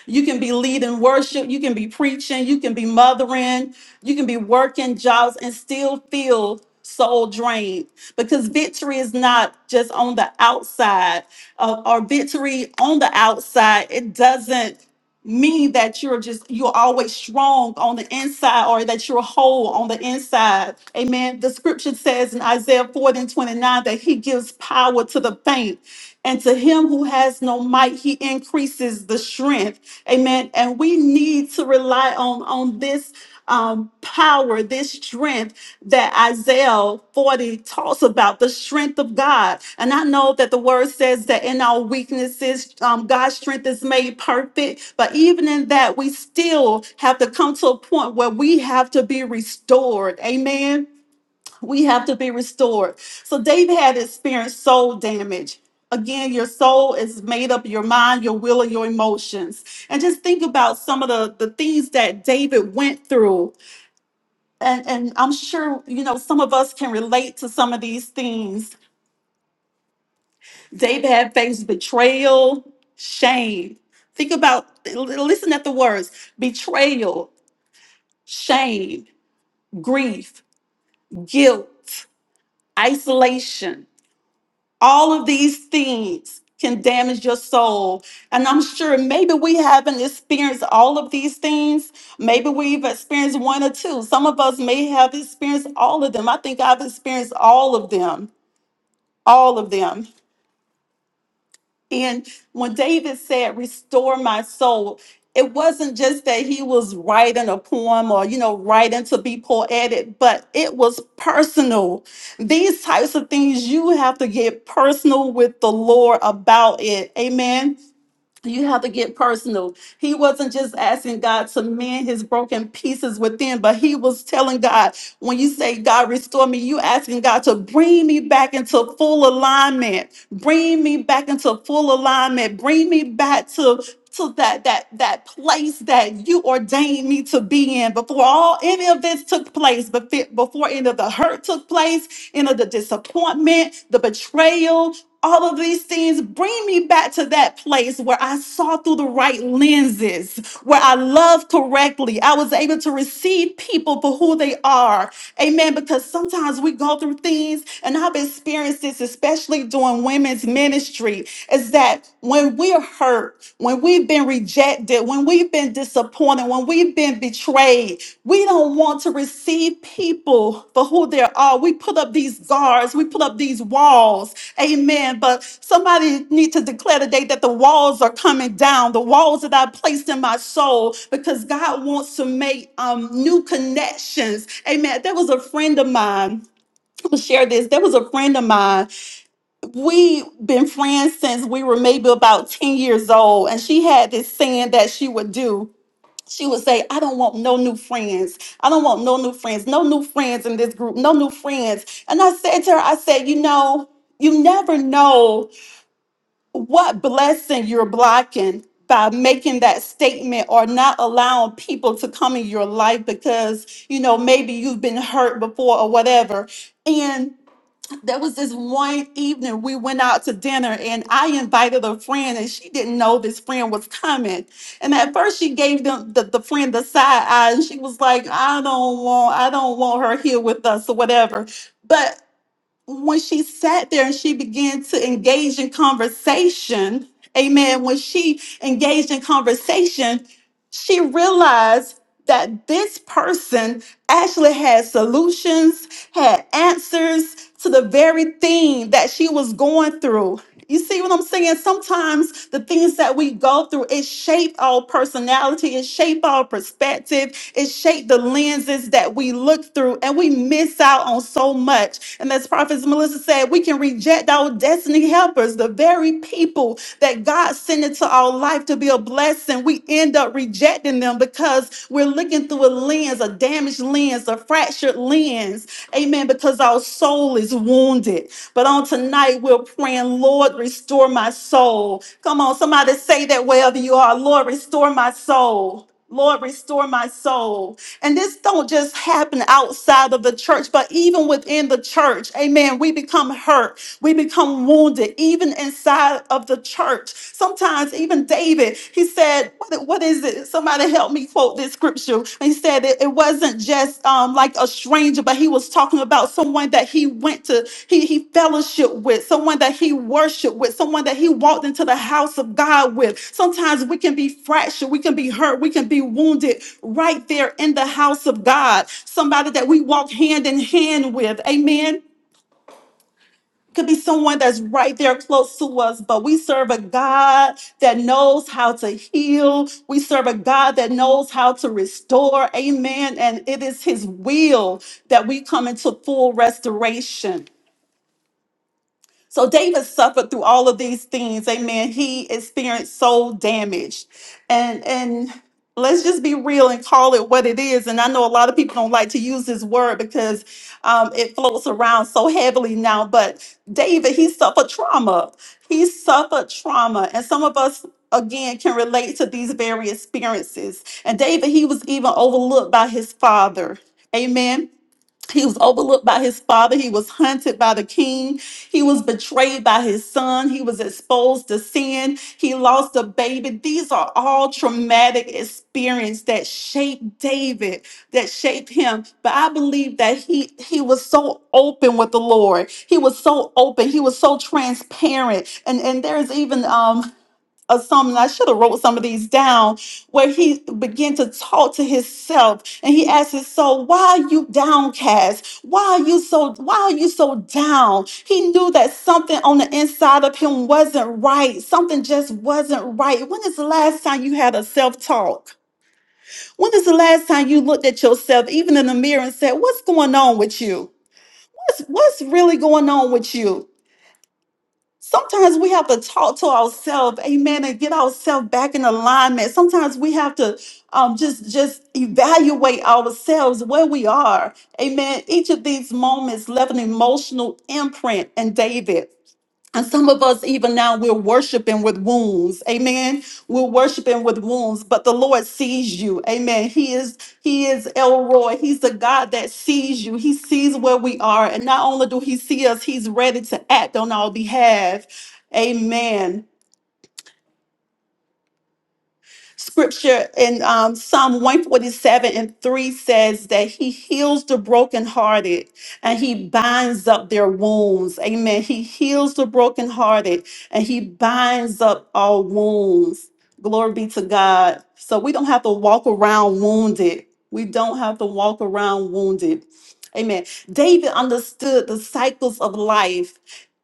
Speaker 4: You can be leading worship, you can be preaching, you can be mothering, you can be working jobs and still feel soul drained because victory is not just on the outside. Uh, or victory on the outside, it doesn't mean that you're just you're always strong on the inside or that you're whole on the inside amen the scripture says in isaiah 4 and 29 that he gives power to the faint and to him who has no might he increases the strength Amen. And we need to rely on, on this um, power, this strength that Isaiah 40 talks about, the strength of God. And I know that the word says that in our weaknesses, um, God's strength is made perfect. But even in that, we still have to come to a point where we have to be restored. Amen we have to be restored. So David had experienced soul damage. Again, your soul is made up of your mind, your will, and your emotions. And just think about some of the, the things that David went through. And, and I'm sure, you know, some of us can relate to some of these things. David had faced betrayal, shame. Think about, l- listen at the words betrayal, shame, grief, guilt, isolation All of these things can damage your soul. And I'm sure maybe we haven't experienced all of these things. Maybe we've experienced one or two. Some of us may have experienced all of them. I think I've experienced all of them. All of them. And when David said, Restore my soul, it wasn't just that he was writing a poem or, you know, writing to be poetic, but it was personal. These types of things you have to get personal with the Lord about it. Amen. You have to get personal. He wasn't just asking God to mend his broken pieces within, but he was telling God, when you say, God, restore me, you asking God to bring me back into full alignment. Bring me back into full alignment. Bring me back to to that that that place that you ordained me to be in before all any of this took place before before any of the hurt took place you know the disappointment, the betrayal, all of these things bring me back to that place where I saw through the right lenses, where I loved correctly. I was able to receive people for who they are. Amen. Because sometimes we go through things, and I've experienced this, especially during women's ministry is that when we're hurt, when we've been rejected, when we've been disappointed, when we've been betrayed, we don't want to receive people for who they are. We put up these guards, we put up these walls. Amen. But somebody need to declare today that the walls are coming down, the walls that I placed in my soul, because God wants to make um, new connections. Amen. There was a friend of mine. I'm gonna share this. There was a friend of mine We've been friends since we were maybe about 10 years old, and she had this saying that she would do. She would say, I don't want no new friends. I don't want no new friends, no new friends in this group, no new friends. And I said to her, I said, You know, you never know what blessing you're blocking by making that statement or not allowing people to come in your life because, you know, maybe you've been hurt before or whatever there was this one evening we went out to dinner and I invited a friend and she didn't know this friend was coming. And at first she gave them the, the friend the side eye and she was like, I don't want I don't want her here with us or whatever. But when she sat there and she began to engage in conversation, amen, when she engaged in conversation, she realized that this person actually had solutions, had answers to the very thing that she was going through. You see what I'm saying? Sometimes the things that we go through, it shape our personality, it shape our perspective, it shaped the lenses that we look through, and we miss out on so much. And as Prophet Melissa said, we can reject our destiny helpers, the very people that God sent into our life to be a blessing. We end up rejecting them because we're looking through a lens, a damaged lens, a fractured lens. Amen. Because our soul is wounded. But on tonight, we're praying, Lord, restore my soul. Come on, somebody say that wherever you are, Lord, restore my soul. Lord, restore my soul. And this don't just happen outside of the church, but even within the church. Amen. We become hurt. We become wounded even inside of the church. Sometimes, even David, he said, What, what is it? Somebody help me quote this scripture. And he said it, it wasn't just um, like a stranger, but he was talking about someone that he went to, he, he fellowshiped with, someone that he worshiped with, someone that he walked into the house of God with. Sometimes we can be fractured, we can be hurt, we can be wounded right there in the house of God. Somebody that we walk hand in hand with. Amen could be someone that's right there close to us, but we serve a God that knows how to heal. We serve a God that knows how to restore. Amen. And it is His will that we come into full restoration. So David suffered through all of these things. Amen. He experienced soul damage. And and let's just be real and call it what it is. And I know a lot of people don't like to use this word because um, it floats around so heavily now. But David, he suffered trauma. He suffered trauma. And some of us again can relate to these very experiences. And David, he was even overlooked by his father. Amen. He was overlooked by his father. He was hunted by the king. He was betrayed by his son. He was exposed to sin. He lost a baby. These are all traumatic experiences that shaped David, that shaped him. But I believe that he he was so open with the Lord. He was so open. He was so transparent. And and there's even um or something. I should have wrote some of these down where he began to talk to himself and he asked his soul, why are you downcast? Why are you so why are you so down? He knew that something on the inside of him wasn't right. Something just wasn't right. When is the last time you had a self-talk? When is the last time you looked at yourself, even in the mirror, and said, What's going on with you? What's what's really going on with you? Sometimes we have to talk to ourselves, amen, and get ourselves back in alignment. Sometimes we have to um, just just evaluate ourselves where we are, amen. Each of these moments left an emotional imprint in David. And some of us, even now, we're worshiping with wounds. Amen. We're worshiping with wounds, but the Lord sees you. Amen. He is He is Elroy. He's the God that sees you. He sees where we are. And not only do He see us, He's ready to act on our behalf. Amen. Scripture in um, Psalm 147 and 3 says that he heals the brokenhearted and he binds up their wounds. Amen. He heals the brokenhearted and he binds up all wounds. Glory be to God. So we don't have to walk around wounded. We don't have to walk around wounded. Amen. David understood the cycles of life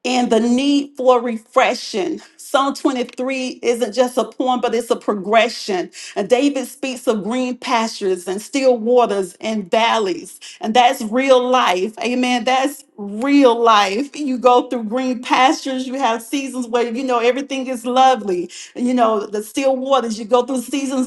Speaker 4: and the need for refreshing. Psalm 23 isn't just a poem, but it's a progression. And David speaks of green pastures and still waters and valleys. And that's real life. Amen. That's real life. You go through green pastures, you have seasons where, you know, everything is lovely. You know, the still waters, you go through seasons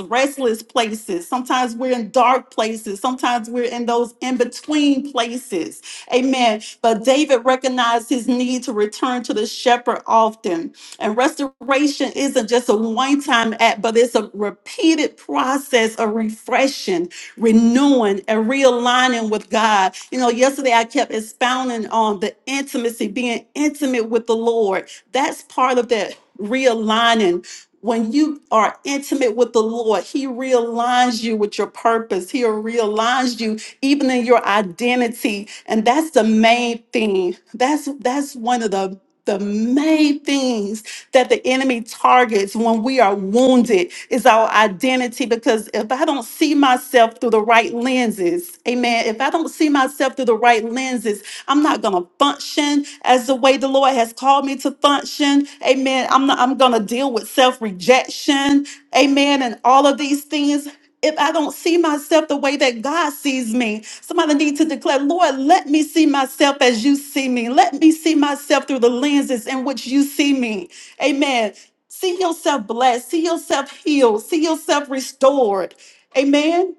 Speaker 4: restless places. Sometimes we're in dark places. Sometimes we're in those in between places. Amen. But David recognized his need to return to the shepherd often. And restoration isn't just a one time act, but it's a repeated process of refreshing, renewing, and realigning with God. You know, yesterday I kept expounding on the intimacy, being intimate with the Lord. That's part of that realigning when you are intimate with the Lord, He realigns you with your purpose. He realigns you even in your identity. And that's the main thing. That's that's one of the the main things that the enemy targets when we are wounded is our identity. Because if I don't see myself through the right lenses, amen, if I don't see myself through the right lenses, I'm not gonna function as the way the Lord has called me to function. Amen. I'm not I'm gonna deal with self-rejection, amen, and all of these things. If I don't see myself the way that God sees me, somebody need to declare, Lord, let me see myself as you see me. Let me see myself through the lenses in which you see me. Amen. See yourself blessed. See yourself healed. See yourself restored. Amen.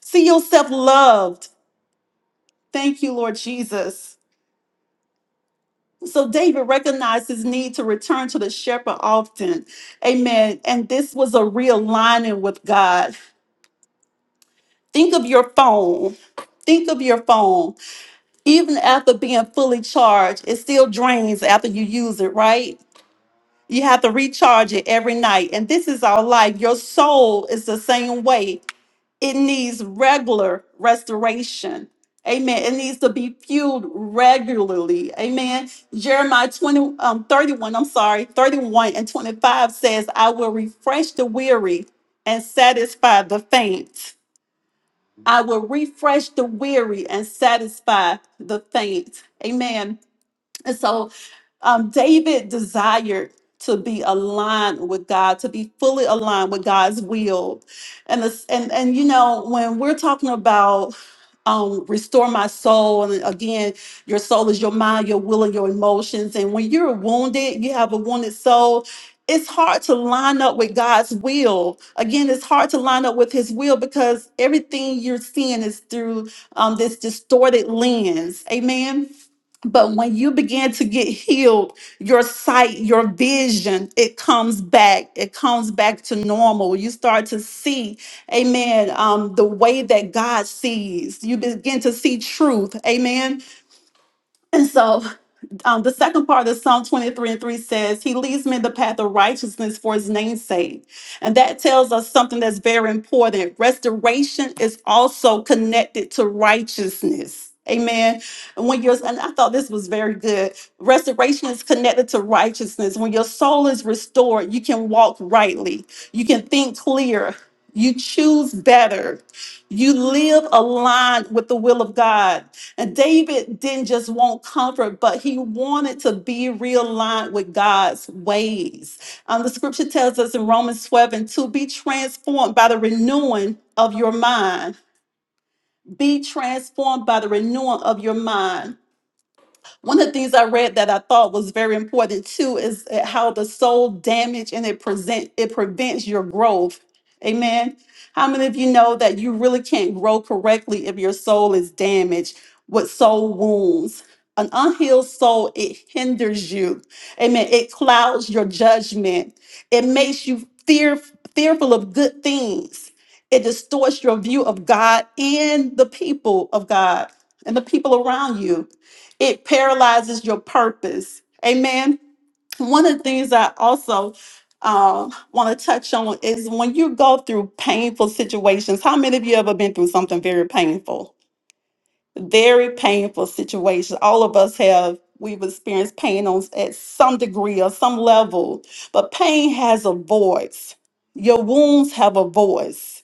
Speaker 4: See yourself loved. Thank you, Lord Jesus. So David recognized his need to return to the shepherd often. Amen. And this was a realigning with God. Think of your phone. Think of your phone. Even after being fully charged, it still drains after you use it, right? You have to recharge it every night. And this is our life. Your soul is the same way. It needs regular restoration. Amen. It needs to be fueled regularly. Amen. Jeremiah 20, um, 31, I'm sorry, 31 and 25 says, I will refresh the weary and satisfy the faint. I will refresh the weary and satisfy the faint. Amen and so um, David desired to be aligned with God, to be fully aligned with God's will. And this, and and you know, when we're talking about um, restore my soul, and again, your soul is your mind, your will, and your emotions. And when you're wounded, you have a wounded soul. It's hard to line up with God's will. Again, it's hard to line up with His will because everything you're seeing is through um, this distorted lens. Amen but when you begin to get healed, your sight, your vision, it comes back. It comes back to normal. You start to see, amen, um, the way that God sees. You begin to see truth, amen and so um, the second part of Psalm 23 and 3 says, He leads me in the path of righteousness for His name's sake. And that tells us something that's very important. Restoration is also connected to righteousness. Amen. And when you're, and I thought this was very good. Restoration is connected to righteousness. When your soul is restored, you can walk rightly, you can think clear, you choose better, you live aligned with the will of God and David didn't just want comfort, but he wanted to be realigned with God's ways. Um, the scripture tells us in Romans 12 and 2 be transformed by the renewing of your mind. Be transformed by the renewing of your mind. One of the things I read that I thought was very important too is uh, how the soul damage and it present it prevents your growth. Amen. How many of you know that you really can't grow correctly if your soul is damaged with soul wounds? An unhealed soul, it hinders you. Amen. It clouds your judgment. It makes you fear, fearful of good things. It distorts your view of God and the people of God and the people around you it paralyzes your purpose. Amen. One of the things I also uh, want to touch on is when you go through painful situations. How many of you ever been through something very painful? Very painful situations. All of us have. We've experienced pain on at some degree or some level, but pain has a voice. Your wounds have a voice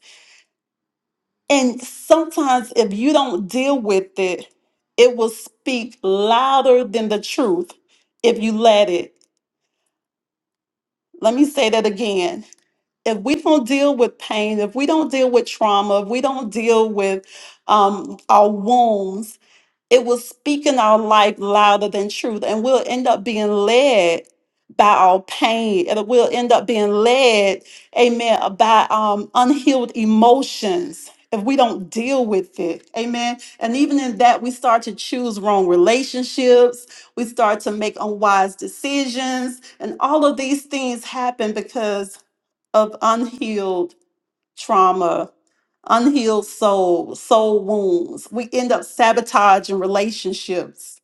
Speaker 4: and sometimes, if you don't deal with it, it will speak louder than the truth if you let it. Let me say that again. If we don't deal with pain, if we don't deal with trauma, if we don't deal with um, our wounds, it will speak in our life louder than truth, and we'll end up being led by our pain, and we'll end up being led, amen, by um, unhealed emotions if we don't deal with it, amen. And even in that, we start to choose wrong relationships, we start to make unwise decisions, and all of these things happen because of unhealed trauma, unhealed soul, soul wounds. We end up sabotaging relationships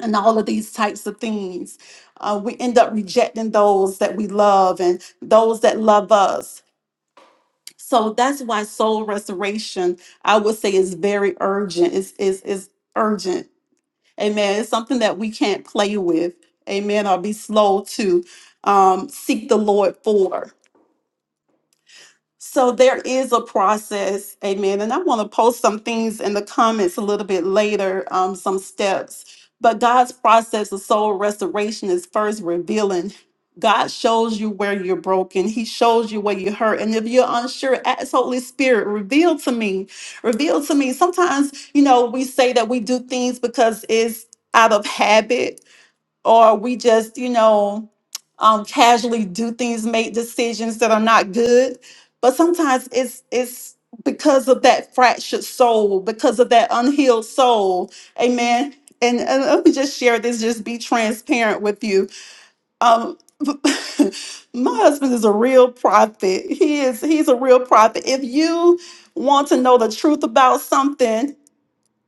Speaker 4: and all of these types of things. Uh, we end up rejecting those that we love and those that love us. So that's why soul restoration, I would say, is very urgent. It's, it's, it's urgent. Amen. It's something that we can't play with. Amen. Or be slow to um, seek the Lord for. So there is a process, amen. And I want to post some things in the comments a little bit later, um, some steps. But God's process of soul restoration is first revealing. God shows you where you're broken. He shows you where you hurt. And if you're unsure, ask Holy Spirit, reveal to me. Reveal to me. Sometimes, you know, we say that we do things because it's out of habit or we just, you know, um, casually do things, make decisions that are not good. But sometimes it's it's because of that fractured soul, because of that unhealed soul. Amen. And, and let me just share this, just be transparent with you. Um, my husband is a real prophet. He is he's a real prophet. If you want to know the truth about something,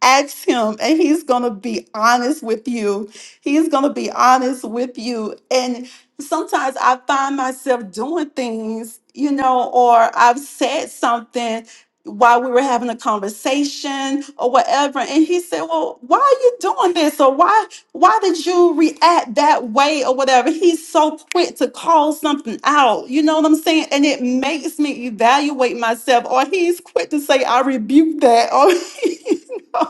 Speaker 4: ask him and he's going to be honest with you. He's going to be honest with you. And sometimes I find myself doing things, you know, or I've said something while we were having a conversation or whatever and he said well why are you doing this or why why did you react that way or whatever he's so quick to call something out you know what i'm saying and it makes me evaluate myself or he's quick to say i rebuke that or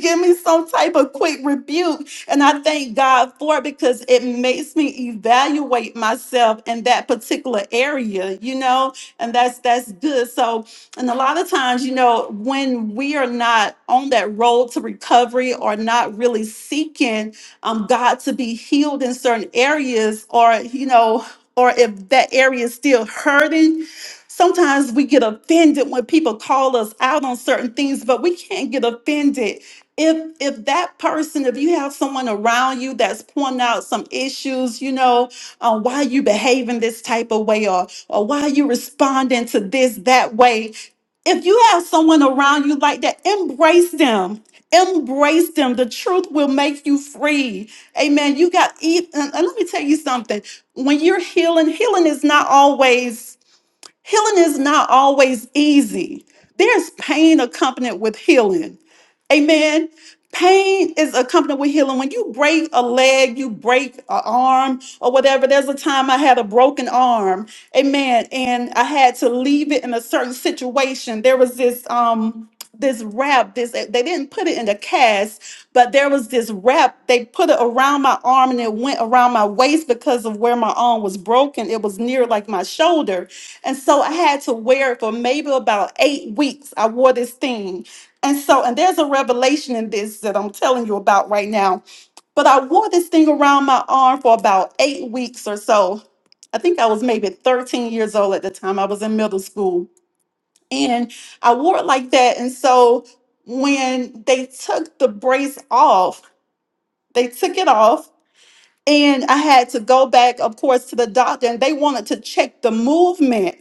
Speaker 4: give me some type of quick rebuke. And I thank God for it because it makes me evaluate myself in that particular area, you know, and that's that's good. So, and a lot of times, you know, when we are not on that road to recovery or not really seeking um, God to be healed in certain areas, or you know, or if that area is still hurting, sometimes we get offended when people call us out on certain things, but we can't get offended if if that person if you have someone around you that's pointing out some issues you know uh, why are you behaving this type of way or or why are you responding to this that way if you have someone around you like that embrace them embrace them the truth will make you free amen you got eat and, and let me tell you something when you're healing healing is not always Healing is not always easy. There's pain accompanied with healing. Amen. Pain is accompanied with healing. When you break a leg, you break an arm or whatever. There's a time I had a broken arm. Amen. And I had to leave it in a certain situation. There was this um this wrap, this they didn't put it in the cast, but there was this wrap. They put it around my arm and it went around my waist because of where my arm was broken. It was near like my shoulder. And so I had to wear it for maybe about eight weeks. I wore this thing. And so, and there's a revelation in this that I'm telling you about right now. But I wore this thing around my arm for about eight weeks or so. I think I was maybe 13 years old at the time. I was in middle school. And I wore it like that. And so when they took the brace off, they took it off and I had to go back, of course, to the doctor, and they wanted to check the movement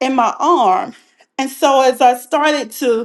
Speaker 4: in my arm. And so as I started to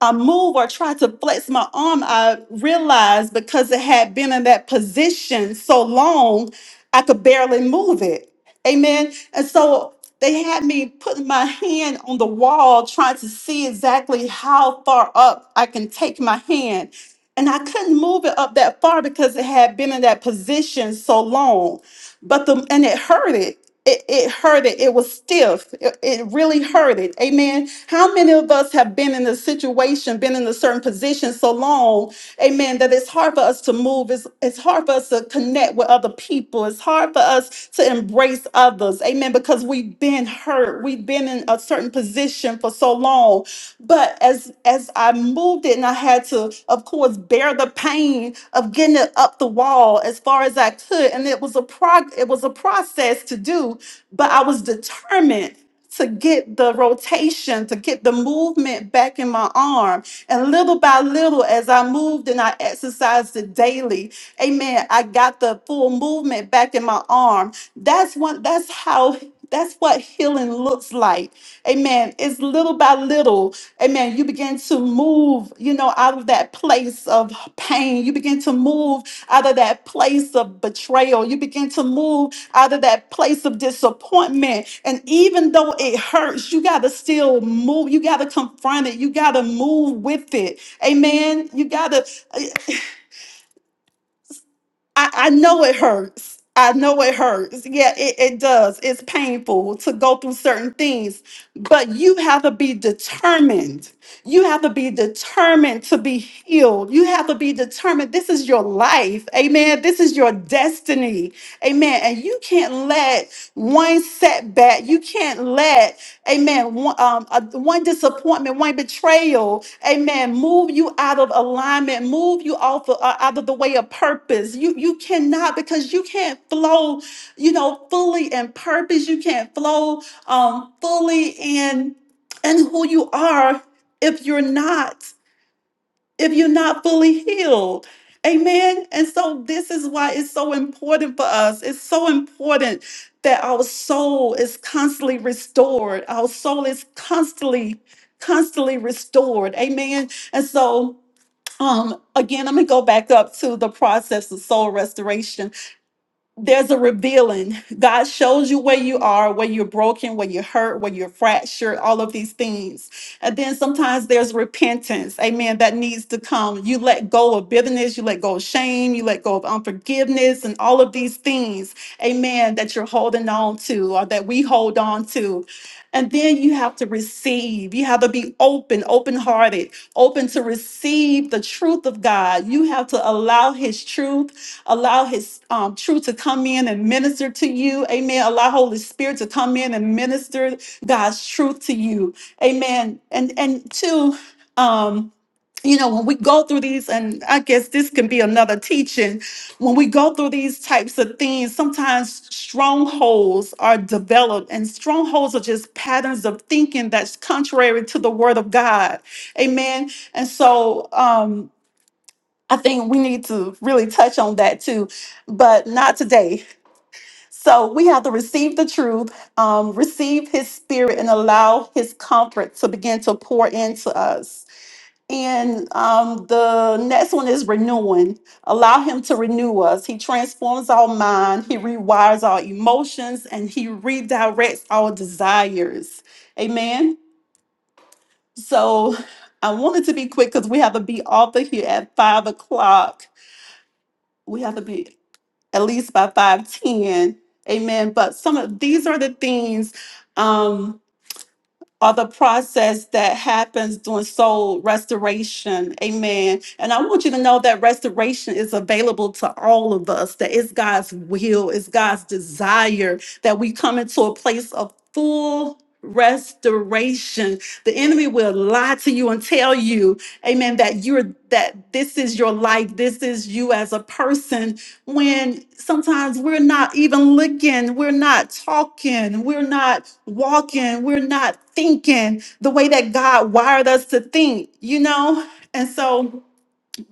Speaker 4: I move or try to flex my arm, I realized because it had been in that position so long, I could barely move it. Amen. And so they had me putting my hand on the wall, trying to see exactly how far up I can take my hand. And I couldn't move it up that far because it had been in that position so long. But the and it hurted it, it hurted. It was stiff. It, it really hurted. Amen. How many of us have been in a situation, been in a certain position so long, amen, that it's hard for us to move. It's, it's hard for us to connect with other people. It's hard for us to embrace others. Amen. Because we've been hurt. We've been in a certain position for so long. But as as I moved it and I had to, of course, bear the pain of getting it up the wall as far as I could. And it was a prog it was a process to do, but I was determined to get the rotation, to get the movement back in my arm. And little by little, as I moved and I exercised it daily, amen, I got the full movement back in my arm. That's what that's how that's what healing looks like. Amen. It's little by little Amen. You begin to move, you know, out of that place of pain. You begin to move out of that place of betrayal. You begin to move out of that place of disappointment. And even though it hurts, you got to still move. You got to confront it. You got to move with it. Amen. You got to. I, I know it hurts. I know it hurts. Yeah, it, it does. It's painful to go through certain things, but you have to be determined. You have to be determined to be healed. You have to be determined. This is your life. Amen. This is your destiny. Amen. And you can't let one setback, you can't let Amen. One, um, uh, one disappointment, one betrayal. Amen. Move you out of alignment. Move you off of, uh, out of the way of purpose. You you cannot because you can't flow. You know fully in purpose. You can't flow um, fully in and who you are if you're not if you're not fully healed. Amen. And so this is why it's so important for us. It's so important that our soul is constantly restored. Our soul is constantly, constantly restored. Amen. And so um again, I'm gonna go back up to the process of soul restoration there's a revealing. God shows you where you are, where you're broken, where you're hurt, where you're fractured, all of these things. And then sometimes there's repentance, amen, that needs to come. You let go of bitterness, you let go of shame, you let go of unforgiveness, and all of these things, amen, that you're holding on to or that we hold on to. And then you have to receive. You have to be open, open hearted, open to receive the truth of God. You have to allow His truth Allow his um, truth to come in and minister to you. Amen. Allow Holy Spirit to come in and minister God's truth to you. Amen. And and two, um, you know, when we go through these, and I guess this can be another teaching, when we go through these types of things, sometimes strongholds are developed, and strongholds are just patterns of thinking that's contrary to the word of God. Amen. And so, um, I think we need to really touch on that too, but not today. So we have to receive the truth, um, receive his spirit, and allow his comfort to begin to pour into us. And um, the next one is renewing. Allow him to renew us. He transforms our mind, he rewires our emotions, and he redirects our desires. Amen. So I wanted to be quick because we have to be off of here at five o'clock we have to be at least by 510. Amen. But some of these are the things um are the process that happens during soul restoration. Amen. And I want you to know that restoration is available to all of us, that it's God's will, it's God's desire that we come into a place of full restoration. The enemy will lie to you and tell you, amen, that you're that this is your life, this is you as a person, when sometimes we're not even looking, we're not talking, we're not walking, we're not thinking the way that God wired us to think, you know? And so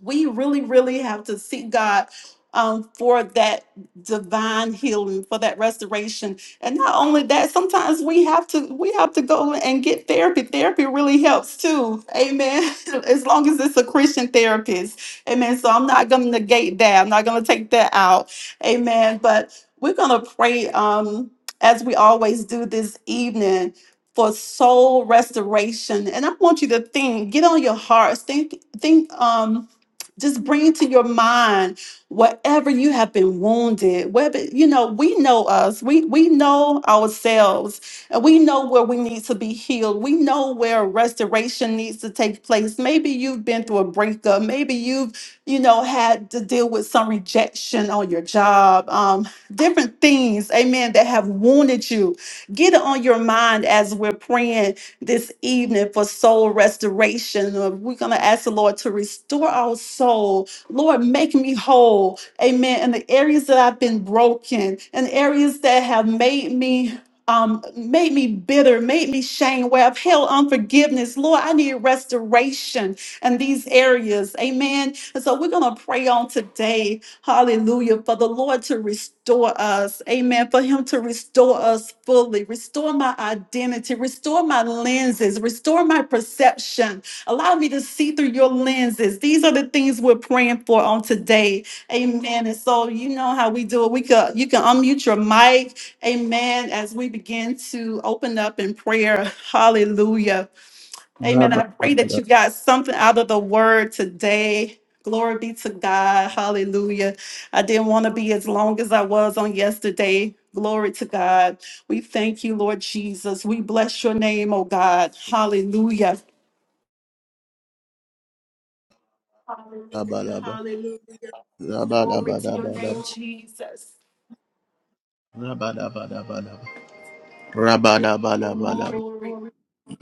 Speaker 4: we really, really have to seek God um, for that divine healing, for that restoration. And not only that, sometimes we have to we have to go and get therapy. Therapy really helps too. Amen. as long as it's a Christian therapist. Amen. So I'm not gonna negate that. I'm not gonna take that out. Amen. But we're gonna pray um as we always do this evening for soul restoration. And I want you to think, get on your hearts, think, think um just bring to your mind whatever you have been wounded. Whether you know, we know us. We we know ourselves, and we know where we need to be healed. We know where restoration needs to take place. Maybe you've been through a breakup. Maybe you've you know had to deal with some rejection on your job. Um, different things, amen, that have wounded you. Get it on your mind as we're praying this evening for soul restoration. Uh, We're going to ask the Lord to restore our soul. Lord, make me whole. Amen. In the areas that I've been broken, in areas that have made me. Um, made me bitter, made me shame, where I've held unforgiveness. Lord, I need restoration in these areas. Amen. And so we're going to pray on today Hallelujah. For the Lord to restore us. Amen. For Him to restore us fully. Restore my identity. Restore my lenses. Restore my perception. Allow me to see through your lenses. These are the things we're praying for on today. Amen. And so you know how we do it. We could you can unmute your mic. Amen. As we begin to open up in prayer. Hallelujah. Amen.
Speaker 1: Rabba,
Speaker 4: I pray that
Speaker 1: rabba,
Speaker 4: you got something out of the word today. Glory be to God. Hallelujah. I didn't want to be as long as I was on yesterday. Glory to God. We thank you, Lord Jesus. We bless your name, oh God. Hallelujah.
Speaker 1: rabba, rabba,
Speaker 4: Hallelujah.
Speaker 1: rabba, rabba,
Speaker 4: Glory to your
Speaker 1: rabba,
Speaker 4: name,
Speaker 1: rabba.
Speaker 4: Jesus.
Speaker 1: Rabba, rabba, rabba, rabba. Rabba, rabba, rabba,
Speaker 4: Glory,
Speaker 1: rabba.
Speaker 4: glory.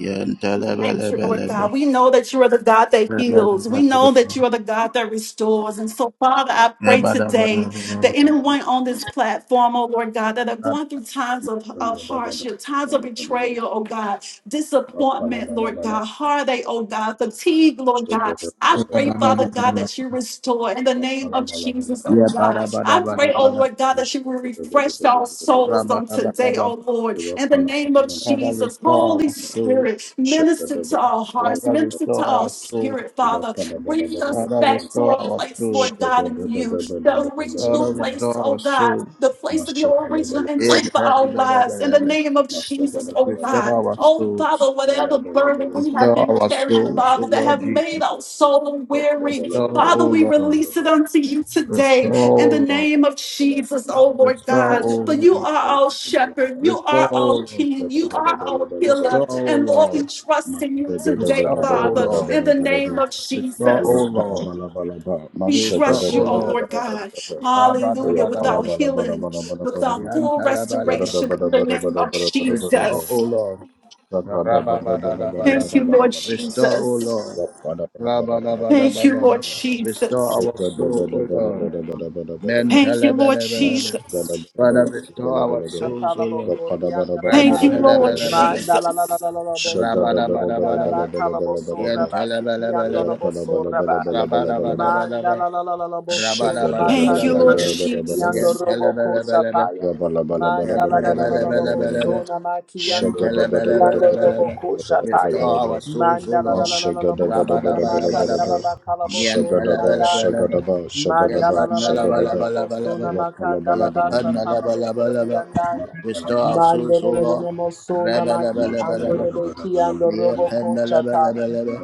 Speaker 1: Yenta,
Speaker 4: We
Speaker 1: rabba,
Speaker 4: Thank you,
Speaker 1: rabba,
Speaker 4: Lord
Speaker 1: rabba.
Speaker 4: God. We know that you are the God that
Speaker 1: Rabba, rabba,
Speaker 4: heals. We
Speaker 1: rabba,
Speaker 4: know that you are the God that restores. And so, Father, I
Speaker 1: rabba.
Speaker 4: pray
Speaker 1: Rabba, rabba, rabba,
Speaker 4: today that
Speaker 1: rabba.
Speaker 4: anyone on this platform, oh Lord God, that are going through times of, of hardship, times of betrayal, oh God, disappointment, Lord God, heartache, oh God, fatigue, Lord God. I pray,
Speaker 1: Rabba, rabba,
Speaker 4: Father
Speaker 1: rabba,
Speaker 4: God,
Speaker 1: rabba.
Speaker 4: that you restore in the name of Jesus, oh
Speaker 1: Yeah,
Speaker 4: God.
Speaker 1: bada bada
Speaker 4: I pray,
Speaker 1: bada
Speaker 4: oh
Speaker 1: bada
Speaker 4: Lord God, that you will refresh our souls
Speaker 1: bada
Speaker 4: on
Speaker 1: bada
Speaker 4: today, oh
Speaker 1: bada.
Speaker 4: Lord, in the name of
Speaker 1: Father,
Speaker 4: Jesus.
Speaker 1: restore
Speaker 4: Holy
Speaker 1: our soul.
Speaker 4: Spirit, minister to our hearts,
Speaker 1: Father,
Speaker 4: minister to
Speaker 1: restore
Speaker 4: our
Speaker 1: our soul.
Speaker 4: spirit, Father. Bring us
Speaker 1: Father,
Speaker 4: back to
Speaker 1: restore
Speaker 4: a
Speaker 1: our
Speaker 4: place,
Speaker 1: soul.
Speaker 4: Lord God, in you the original
Speaker 1: Father,
Speaker 4: place,
Speaker 1: restore
Speaker 4: oh
Speaker 1: our
Speaker 4: God,
Speaker 1: soul.
Speaker 4: the place of
Speaker 2: Masha
Speaker 4: your original
Speaker 1: Yeah,
Speaker 4: intent for
Speaker 1: bada
Speaker 4: our
Speaker 1: bada
Speaker 4: lives.
Speaker 1: bada
Speaker 4: In the
Speaker 1: bada.
Speaker 4: name of Jesus, oh
Speaker 1: Restore
Speaker 4: God.
Speaker 1: our
Speaker 4: Oh Father,
Speaker 1: souls.
Speaker 4: whatever burden we have
Speaker 1: Restore
Speaker 4: been
Speaker 1: our
Speaker 4: carrying,
Speaker 1: souls, O
Speaker 4: Father, that
Speaker 1: Lord
Speaker 4: have made
Speaker 1: Jesus.
Speaker 4: our soul weary,
Speaker 1: Restore, O
Speaker 4: Father, we
Speaker 1: Lord.
Speaker 4: release it unto you
Speaker 1: Restore,
Speaker 4: today in the
Speaker 1: O Lord.
Speaker 4: name of Jesus, oh Lord
Speaker 1: Restore, O
Speaker 4: God. For you
Speaker 1: Lord.
Speaker 4: are our shepherd, you are
Speaker 1: Restore, O
Speaker 4: our
Speaker 1: Lord.
Speaker 4: king, you are our healer.
Speaker 1: Restore, O
Speaker 4: And Lord, we
Speaker 1: Lord.
Speaker 4: trust in you today,
Speaker 1: Restore, O
Speaker 4: Father,
Speaker 1: Lord.
Speaker 4: in the name of
Speaker 1: Restore, O
Speaker 4: Jesus.
Speaker 1: Lord.
Speaker 4: We
Speaker 1: Restore,
Speaker 4: trust
Speaker 1: O
Speaker 4: you, oh
Speaker 1: Lord.
Speaker 4: Lord God. Hallelujah. Without
Speaker 1: Rabadabadabada.
Speaker 4: healing, without full
Speaker 1: Yantalabalaba.
Speaker 4: restoration in the name of
Speaker 1: Restore, O
Speaker 4: Jesus.
Speaker 1: Lord.
Speaker 2: Shagada
Speaker 4: Thank
Speaker 1: Rababadalabalaba.
Speaker 4: you, Lord
Speaker 1: Restore, O
Speaker 4: Jesus.
Speaker 1: Lord.
Speaker 4: Thank you, Lord
Speaker 1: Rabadabadabadaba. Restore
Speaker 4: Jesus.
Speaker 1: our soul, O Lord.
Speaker 4: Thank you, Lord
Speaker 1: Mentalabalabalaba.
Speaker 4: Jesus.
Speaker 1: Father, restore our souls, O
Speaker 5: Atalabo
Speaker 1: Lord.
Speaker 5: Koryanda
Speaker 4: Thank
Speaker 5: Laba.
Speaker 4: you, Lord Jesus.
Speaker 1: Rantalabalabala.
Speaker 5: Mandala la la la la la bo sorianda la
Speaker 1: Rabadabadabalaba.
Speaker 5: la kalabo soraba sikiando la
Speaker 1: Yantalabalabalaba.
Speaker 5: bo soraba.
Speaker 1: Rabadabadabalaba.
Speaker 5: Mandala la la la la bo sona
Speaker 4: Thank you,
Speaker 5: makandele
Speaker 4: Lord
Speaker 5: de sikiando
Speaker 4: Jesus.
Speaker 5: robo
Speaker 1: Rabadabadabalabalaba.
Speaker 5: kosapaya. Mandala la
Speaker 1: Yapalabalabalabalaba.
Speaker 5: sona makiando bekiando robo
Speaker 1: Yentelebelebelebelebe. Restore
Speaker 5: kosataya.
Speaker 1: our souls, O
Speaker 5: Mandala la
Speaker 1: Lord.
Speaker 5: sona
Speaker 1: Rabadabalabalaba.
Speaker 5: makandala
Speaker 2: Mashagadabalabalabalaba.
Speaker 5: ba kalabo
Speaker 2: Shagadaba,
Speaker 1: Yentelebelebelebe.
Speaker 2: shagadaba,
Speaker 5: Mandala la
Speaker 2: shagadaba,
Speaker 5: la la la la
Speaker 2: shagadaba.
Speaker 5: la
Speaker 1: Yapandalabalabalabalaba.
Speaker 5: bosona makanda la basa
Speaker 2: Rapalabalabalabalaba.
Speaker 5: talabo
Speaker 1: Yapandalabalabalabalaba.
Speaker 5: koriandaya.
Speaker 1: Restore
Speaker 2: Mabalabala.
Speaker 1: our souls,
Speaker 5: Mandele
Speaker 1: O
Speaker 5: le le
Speaker 1: Lord.
Speaker 5: le mosona maki
Speaker 1: Rebelebelebelebe.
Speaker 5: andele beki
Speaker 2: Mashagadabalabalabalaba.
Speaker 5: ando
Speaker 1: Yep,
Speaker 5: robo kochataya.
Speaker 1: handalabalabala.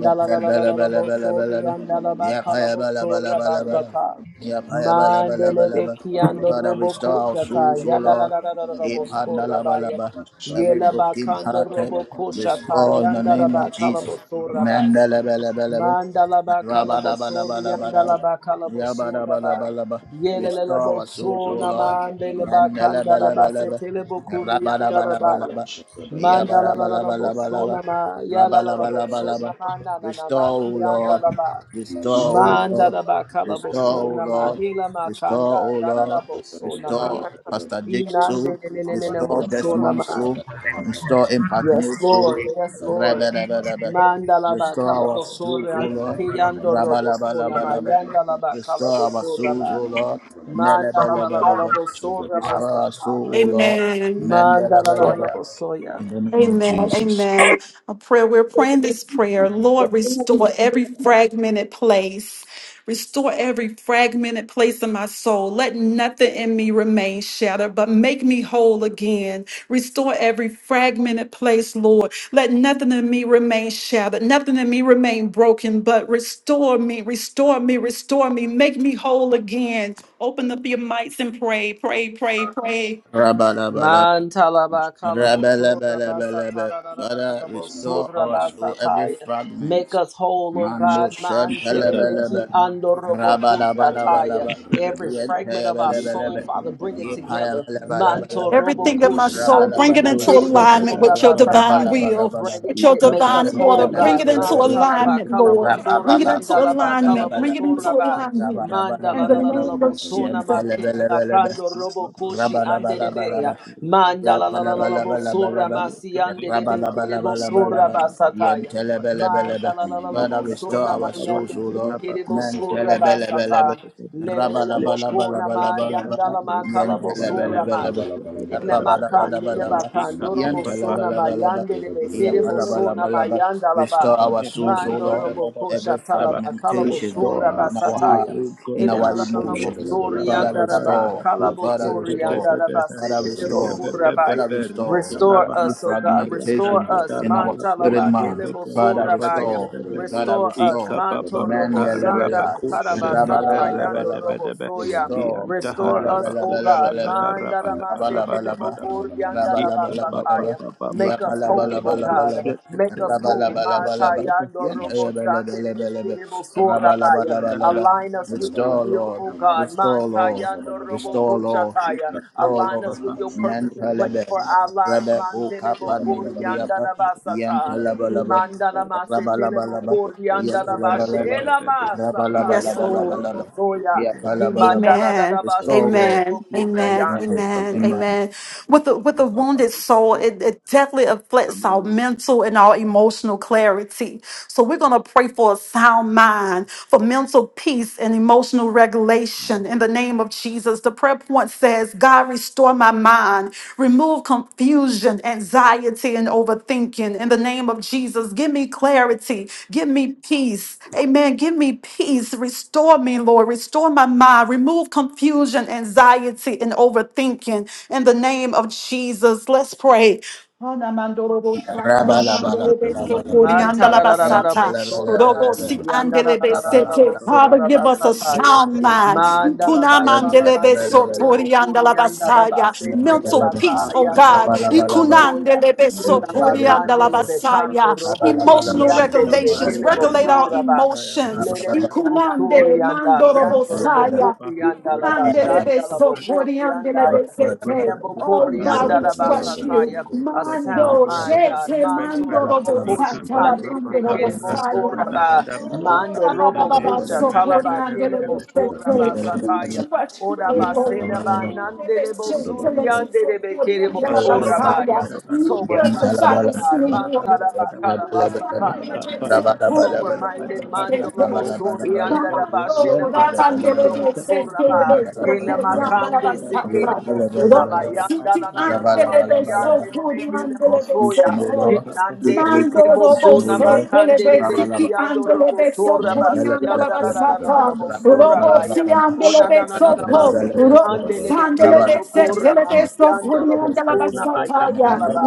Speaker 1: Yep,
Speaker 5: la la la la la bosori
Speaker 1: handalabalabala.
Speaker 5: andala
Speaker 2: Gadabalabalabalabalaba.
Speaker 1: Yep,
Speaker 5: bakala bosora
Speaker 1: hayabalabalabala.
Speaker 5: basata.
Speaker 1: Yep,
Speaker 2: Gadabalabalabalabalaba.
Speaker 5: Mandele
Speaker 1: hayabalabalabala.
Speaker 5: beki ando
Speaker 1: Father,
Speaker 5: robo
Speaker 1: restore our souls,
Speaker 2: Gadabalabalabalabalaba.
Speaker 1: O
Speaker 5: kochataya. Da la
Speaker 1: Lord.
Speaker 5: la la la la la
Speaker 2: Mashagadabalabalabalabalaba.
Speaker 1: Yep,
Speaker 5: bosora baya.
Speaker 1: handalabalaba. Every
Speaker 5: Yela
Speaker 1: broken
Speaker 5: bakando
Speaker 2: Gadabalabalabalabalaba.
Speaker 1: hearted,
Speaker 5: robo
Speaker 2: Mashagadabalabalabalabalaba.
Speaker 1: restore
Speaker 5: kochataya.
Speaker 1: in the
Speaker 5: Andala
Speaker 1: name of
Speaker 5: bakala
Speaker 1: Jesus.
Speaker 5: bosora baya.
Speaker 6: Shut
Speaker 1: Mandalabalabala.
Speaker 5: Mandalaba kalabosori andalaba kalabosoraba.
Speaker 1: Yabba-dabba-dabba-dabba.
Speaker 5: Yelelele
Speaker 1: Restore our souls, O
Speaker 5: bosona
Speaker 1: Lord.
Speaker 5: mandele bakandaraba
Speaker 1: Mandala-bala-bala-ba.
Speaker 5: setele bokuri andalaba ya.
Speaker 1: Rabba-dabba-dabba-dabba.
Speaker 5: Mandalala
Speaker 1: Yabba-dabba-dabba-dabba-dabba.
Speaker 5: bosona ma yalala
Speaker 2: Shabbat
Speaker 1: Rabba-dabba-dabba-dabba.
Speaker 5: bosona ma na na na ma
Speaker 1: Restore, O
Speaker 5: si
Speaker 1: Lord.
Speaker 5: andala ba andalaba.
Speaker 1: Restore, O Lord.
Speaker 5: Mandalaba
Speaker 1: Restore, O
Speaker 5: kalabosona ma
Speaker 1: Lord.
Speaker 5: hila
Speaker 1: Restore, O
Speaker 5: makanda darada
Speaker 1: Lord.
Speaker 5: bosona ma.
Speaker 1: Restore Pastor Jake's soul.
Speaker 5: Inande ne ne ne ne ne
Speaker 1: Restore
Speaker 5: bosona
Speaker 1: Desmond's
Speaker 5: ma.
Speaker 1: soul. Restore Impact
Speaker 5: Yes,
Speaker 1: News soul.
Speaker 5: Lord. Yes, Lord.
Speaker 1: Rabba-dabba-dabba.
Speaker 5: Mandala ba
Speaker 1: Restore our souls,
Speaker 5: kalabosora
Speaker 1: O Lord.
Speaker 5: kiyando robosona
Speaker 1: Rabalabalabalaba.
Speaker 5: mayanda la ba
Speaker 1: Restore our
Speaker 5: kalabosora
Speaker 1: souls,
Speaker 5: ba
Speaker 1: O Lord.
Speaker 5: mandala la la la la
Speaker 1: Melebelebelebe.
Speaker 5: bosora
Speaker 1: Restore our
Speaker 5: masata
Speaker 1: soul, O Lord.
Speaker 4: Amen.
Speaker 5: mandala la la
Speaker 7: Going
Speaker 5: la
Speaker 1: Mendelebelebe.
Speaker 5: bosoya
Speaker 1: In the name of
Speaker 4: Amen.
Speaker 1: Jesus.
Speaker 4: Amen. A prayer. We're praying this prayer. Lord, restore every fragmented place. Restore every fragmented place in my soul. Let nothing in me remain shattered, but make me whole again. Restore every fragmented place, Lord. Let nothing in me remain shattered. Nothing in me remain broken, but restore me, restore me, restore me. Make me whole again. Open up your mics and pray, pray, pray, pray.
Speaker 1: Rabalabalaba.
Speaker 5: mantala ba kalabosora ba
Speaker 1: Rabalabalabalaba.
Speaker 5: satara la la la la
Speaker 1: Father,
Speaker 5: la
Speaker 1: restore
Speaker 5: bosora
Speaker 1: our
Speaker 5: ba
Speaker 1: soul, every
Speaker 5: sataya Make
Speaker 1: fragment.
Speaker 5: us whole, O
Speaker 1: Mando
Speaker 5: God. Mantelebeki
Speaker 1: shantelebelebe.
Speaker 5: andorobo
Speaker 1: Rabalabalabalaba.
Speaker 5: Every fragment of our soul,
Speaker 1: Yentebelebelebe.
Speaker 5: Father, bring it together.
Speaker 1: Yepayabalabalaba.
Speaker 5: Mantorobo
Speaker 4: Everything in my
Speaker 5: kushi
Speaker 4: soul, bring it
Speaker 1: Rabalabalaba.
Speaker 4: into alignment with your divine will,
Speaker 5: Bring
Speaker 1: Rabalabalabalaba.
Speaker 4: with
Speaker 5: it,
Speaker 4: your
Speaker 5: it make
Speaker 4: divine
Speaker 5: us
Speaker 4: order.
Speaker 5: whole,
Speaker 4: Bring it
Speaker 5: God.
Speaker 4: into
Speaker 1: Rabalabalaba.
Speaker 5: Mantalaba
Speaker 4: alignment, Lord.
Speaker 5: kalabo
Speaker 4: Bring it into
Speaker 5: andalaba
Speaker 4: alignment.
Speaker 5: kalabo
Speaker 4: Bring it
Speaker 1: Rabababababalabalaba.
Speaker 4: into
Speaker 5: soraba.
Speaker 4: alignment. In
Speaker 5: Mandala
Speaker 4: the
Speaker 5: la
Speaker 1: Rabalabalabalaba.
Speaker 4: name of Jesus.
Speaker 1: Yemtelebelebelebe. Rabalabalabalaba.
Speaker 5: andelebeya. Mandala
Speaker 1: Yapalabalabalabalaba.
Speaker 5: masi andelebekere
Speaker 1: Rabalabalabalaba. Yentelebelebelebe.
Speaker 5: Mandala la la la
Speaker 1: Father, restore
Speaker 5: bosona
Speaker 1: our
Speaker 5: mayande
Speaker 1: souls, O Lord.
Speaker 5: bekiri bosura
Speaker 1: Mentelebelebelebe.
Speaker 5: basata. Lele le le bokuna mayanda
Speaker 1: Rabalabalabalaba.
Speaker 5: la
Speaker 1: Yan
Speaker 5: makala bosura
Speaker 1: Yantelebelebelebe.
Speaker 5: maya. Ile makande le
Speaker 1: Yarabadabadabadaba.
Speaker 5: bakan loro
Speaker 6: Look
Speaker 5: bosona
Speaker 2: Much.
Speaker 1: Yantelebelebelebe.
Speaker 5: mayande le bekiri bosona
Speaker 1: Yapalabalabalaba.
Speaker 5: mayanda la
Speaker 1: Restore
Speaker 5: ba.
Speaker 1: our souls, O
Speaker 5: Mando
Speaker 1: Lord.
Speaker 5: robo
Speaker 1: Every
Speaker 5: kosha tala
Speaker 6: Shadabakarabarabarabaraba.
Speaker 5: bakala
Speaker 1: fragmentation
Speaker 6: Restore
Speaker 5: bosura
Speaker 6: our
Speaker 1: in our
Speaker 6: souls,
Speaker 5: basataya.
Speaker 6: O
Speaker 1: heart, in
Speaker 5: Ile
Speaker 6: God.
Speaker 1: our
Speaker 5: la la la la
Speaker 6: Let
Speaker 1: emotions.
Speaker 5: bosuri
Speaker 1: Father,
Speaker 5: yanda raba.
Speaker 1: restore.
Speaker 5: Kala
Speaker 1: Father,
Speaker 5: bosuri
Speaker 1: restore.
Speaker 5: yanda raba.
Speaker 6: Rabadabayabakoshadadadadaha.
Speaker 1: Father,
Speaker 5: Sete le
Speaker 1: restore.
Speaker 5: bokura
Speaker 1: Father,
Speaker 5: baya.
Speaker 1: restore
Speaker 5: Restore
Speaker 1: any
Speaker 5: us, oh God.
Speaker 1: fragmentation
Speaker 5: Restore us.
Speaker 1: in our spirit
Speaker 5: Mantalaba
Speaker 1: man.
Speaker 5: kelebo
Speaker 1: Father,
Speaker 5: surabaya.
Speaker 1: restore. Father,
Speaker 5: Restore
Speaker 6: I
Speaker 5: us.
Speaker 1: restore.
Speaker 5: Manto robo
Speaker 1: Mendelebelebe.
Speaker 5: shanda
Speaker 6: kabababharabakusha da da
Speaker 5: karabasata
Speaker 6: da da
Speaker 5: yando
Speaker 6: da
Speaker 1: Rabalabalabalaba.
Speaker 6: da
Speaker 5: robo
Speaker 6: da da
Speaker 5: soya.
Speaker 1: Restore.
Speaker 5: Restore
Speaker 6: da
Speaker 5: us,
Speaker 6: da
Speaker 5: oh
Speaker 6: hanabakusha
Speaker 5: God.
Speaker 6: da
Speaker 1: Melebelebelebelebe.
Speaker 6: da da da da da
Speaker 5: Mandaramase
Speaker 6: da da
Speaker 1: Rabalabalaba.
Speaker 5: kelebo
Speaker 6: da da
Speaker 5: kurianda
Speaker 1: Rabalabalabalaba.
Speaker 5: rabasataya. Make us whole, O
Speaker 6: hanabakusha
Speaker 5: God.
Speaker 1: Yapalabalabalabalaba.
Speaker 6: da
Speaker 5: Make
Speaker 6: da
Speaker 5: us
Speaker 6: da
Speaker 5: whole.
Speaker 6: da
Speaker 5: Ma
Speaker 6: da da
Speaker 1: Rabalabalabalaba.
Speaker 6: da
Speaker 5: tayando robo shande de de
Speaker 1: Yentelebelebelebelebe.
Speaker 5: kerebo sorabaya.
Speaker 6: da da da
Speaker 1: Rabalabalabalaba.
Speaker 6: hanabakusha da da da da da da da da da da
Speaker 5: Align us with your
Speaker 6: hanabakusha
Speaker 1: Restore,
Speaker 6: da
Speaker 5: will,
Speaker 1: Lord.
Speaker 5: O God.
Speaker 6: da
Speaker 5: Man
Speaker 1: Restore, Lord.
Speaker 5: tayando robo
Speaker 1: Restore, Lord.
Speaker 5: kushataya.
Speaker 1: Restore,
Speaker 5: Align us
Speaker 1: Lord.
Speaker 5: with your
Speaker 6: da
Speaker 5: purpose
Speaker 6: da da
Speaker 5: and
Speaker 6: da
Speaker 5: plan
Speaker 1: Mentalebe,
Speaker 5: for our
Speaker 6: da
Speaker 5: lives.
Speaker 1: Rebe
Speaker 5: Man telebo
Speaker 1: Okapan
Speaker 5: kurianda
Speaker 1: Libriapa,
Speaker 5: rabasata.
Speaker 6: da
Speaker 1: Yentalabalaba,
Speaker 6: da da
Speaker 5: Imanda ramase telebo
Speaker 1: Rabalabalaba,
Speaker 5: kurianda
Speaker 6: Ba-
Speaker 5: rabashe.
Speaker 6: ba-
Speaker 1: Yetalabalaba,
Speaker 6: ba- ba- ba-
Speaker 5: Elamasa
Speaker 6: ra- da-
Speaker 4: Yes,
Speaker 6: da-
Speaker 5: tayando
Speaker 6: da-
Speaker 4: Lord.
Speaker 6: ha-
Speaker 5: robo
Speaker 6: ra-
Speaker 1: Rabalabalabalaba,
Speaker 6: ba- ba-
Speaker 5: soya.
Speaker 6: ba- ba- ba- ba- ba-
Speaker 1: Yapalabalaba,
Speaker 5: Imanda
Speaker 4: Amen.
Speaker 6: ba-
Speaker 1: Restore,
Speaker 5: rabase
Speaker 6: ba-
Speaker 1: Lord.
Speaker 4: Amen.
Speaker 5: telebo
Speaker 6: Yeah, yeah,
Speaker 4: Amen.
Speaker 6: ba-
Speaker 1: Amen.
Speaker 5: kurianda.
Speaker 6: ba- ba-
Speaker 4: Amen.
Speaker 6: ba- ba- ba-
Speaker 1: Amen.
Speaker 4: Amen. With the with the
Speaker 6: ba- ba- ba- ba-
Speaker 4: wounded soul, it,
Speaker 6: ba-
Speaker 4: it definitely affects our
Speaker 6: Amen.
Speaker 4: mental and our emotional clarity. So we're gonna pray for a sound mind, for mental peace and emotional regulation in the name of Jesus. The prayer point says, God restore my mind Remove confusion, anxiety, and overthinking in the name of Jesus. Give me clarity. Give me peace. Amen. Give me peace. Restore me, Lord. Restore my mind. Remove confusion, anxiety, and overthinking in the name of Jesus. Let's pray. Ana mandoro bo shanta so
Speaker 1: Rabalabalabalaba,
Speaker 5: Man
Speaker 6: Yeah, ba- ba- ba- ba- ba-
Speaker 4: basata.
Speaker 6: ba- ba-
Speaker 5: tarararararabosora
Speaker 6: ba- ba-
Speaker 4: Robo
Speaker 1: Yentalabalabalaba,
Speaker 4: si
Speaker 6: ba-
Speaker 2: Thank
Speaker 4: andele
Speaker 6: Ka- ba- ba-
Speaker 4: sete.
Speaker 6: ba-
Speaker 4: Father,
Speaker 5: basitiyandararararabosora
Speaker 6: me-
Speaker 1: Rabalabalabalaba,
Speaker 4: give
Speaker 6: ba-
Speaker 4: us
Speaker 6: ra-
Speaker 4: a
Speaker 5: basataya.
Speaker 6: ndu.
Speaker 4: sound
Speaker 1: Rabalabalabalaba,
Speaker 6: Yeah,
Speaker 4: mind.
Speaker 6: ba- ba- ra-
Speaker 5: Mandala
Speaker 4: Ituna
Speaker 6: ba- ba- ba-
Speaker 5: bakala
Speaker 4: mandele
Speaker 6: ra-
Speaker 4: be so
Speaker 5: basete
Speaker 6: ba- ba- ba-
Speaker 5: le
Speaker 6: ra-
Speaker 1: Yentalabalabalaba.
Speaker 6: ba- ba- ba-
Speaker 4: la
Speaker 5: bokuri
Speaker 6: ba-
Speaker 1: Thank
Speaker 5: anda da
Speaker 4: basaya.
Speaker 5: basete
Speaker 6: Ka-
Speaker 5: le
Speaker 4: Mental
Speaker 6: ba- ba-
Speaker 4: peace,
Speaker 6: ba-
Speaker 4: oh
Speaker 5: bakaya
Speaker 6: ha-
Speaker 5: no
Speaker 4: God.
Speaker 6: ra-
Speaker 5: robo
Speaker 6: ba- ba- ba-
Speaker 4: Ikuna
Speaker 6: ra-
Speaker 5: fopoya.
Speaker 6: ba-
Speaker 4: andele
Speaker 6: ba-
Speaker 4: so
Speaker 6: ra-
Speaker 5: Ila
Speaker 6: ba- ba- ba-
Speaker 5: bakande
Speaker 4: la
Speaker 5: le
Speaker 6: ba- ba- ba- ba.
Speaker 4: basaya.
Speaker 5: bekando robo kushi
Speaker 4: Emotional
Speaker 5: ande le
Speaker 4: regulations.
Speaker 5: bekele
Speaker 4: Regulate our
Speaker 5: bosura ba.
Speaker 4: emotions.
Speaker 5: Lele le le bosuri
Speaker 4: Ikunande
Speaker 5: anda
Speaker 4: mandoro bo
Speaker 5: yando robo kuri
Speaker 4: Oh
Speaker 5: anda la bashanda la bokuri anda ya. Hele bokuri anda la basataya. A sound mind God. Manto robo kushi ande le bekele bosura ba. Mando robo kusha talaba kele Rabasataya.
Speaker 2: you. Mandala
Speaker 5: Orabasela
Speaker 4: City
Speaker 5: banandele
Speaker 1: you.
Speaker 5: bosuriandele bekere
Speaker 1: Remove
Speaker 5: bosorabaya. Sober minded, oh God. Mantarabakarabasataya. Make us sober minded. Mandolo bosurianda rabashele
Speaker 6: Let
Speaker 5: makando robosoraba. Ele makande se ede bosuna mayanda na na na na
Speaker 4: Andelebe so
Speaker 5: masiande le
Speaker 4: cool? Cody
Speaker 5: mekele
Speaker 4: Andelebe so
Speaker 1: Confusion,
Speaker 5: bosoya.
Speaker 1: O Lord, take
Speaker 5: Inande
Speaker 1: away
Speaker 5: ede
Speaker 4: Mando Robo
Speaker 1: confusion, O
Speaker 5: bosuna
Speaker 4: se
Speaker 1: Lord.
Speaker 5: makande
Speaker 4: Telebe
Speaker 5: le
Speaker 4: City and
Speaker 5: besiando
Speaker 4: Andelebe so
Speaker 1: Yam
Speaker 5: robosoraba
Speaker 4: Cody
Speaker 1: pala pala pala
Speaker 5: sianda
Speaker 4: Andelebe
Speaker 5: la la la la
Speaker 4: Sata
Speaker 1: pala pala pala pala
Speaker 4: Robo
Speaker 5: la
Speaker 1: pala
Speaker 4: si
Speaker 5: O na na
Speaker 4: Andelebe
Speaker 5: na na
Speaker 4: so
Speaker 5: na
Speaker 1: pala pala
Speaker 4: cool?
Speaker 5: masiki
Speaker 1: pala
Speaker 4: Robo
Speaker 5: andele
Speaker 1: pala
Speaker 5: bekele
Speaker 1: pala pala
Speaker 5: bokora masiando lo
Speaker 1: pala.
Speaker 5: bosuna mayanda la ba.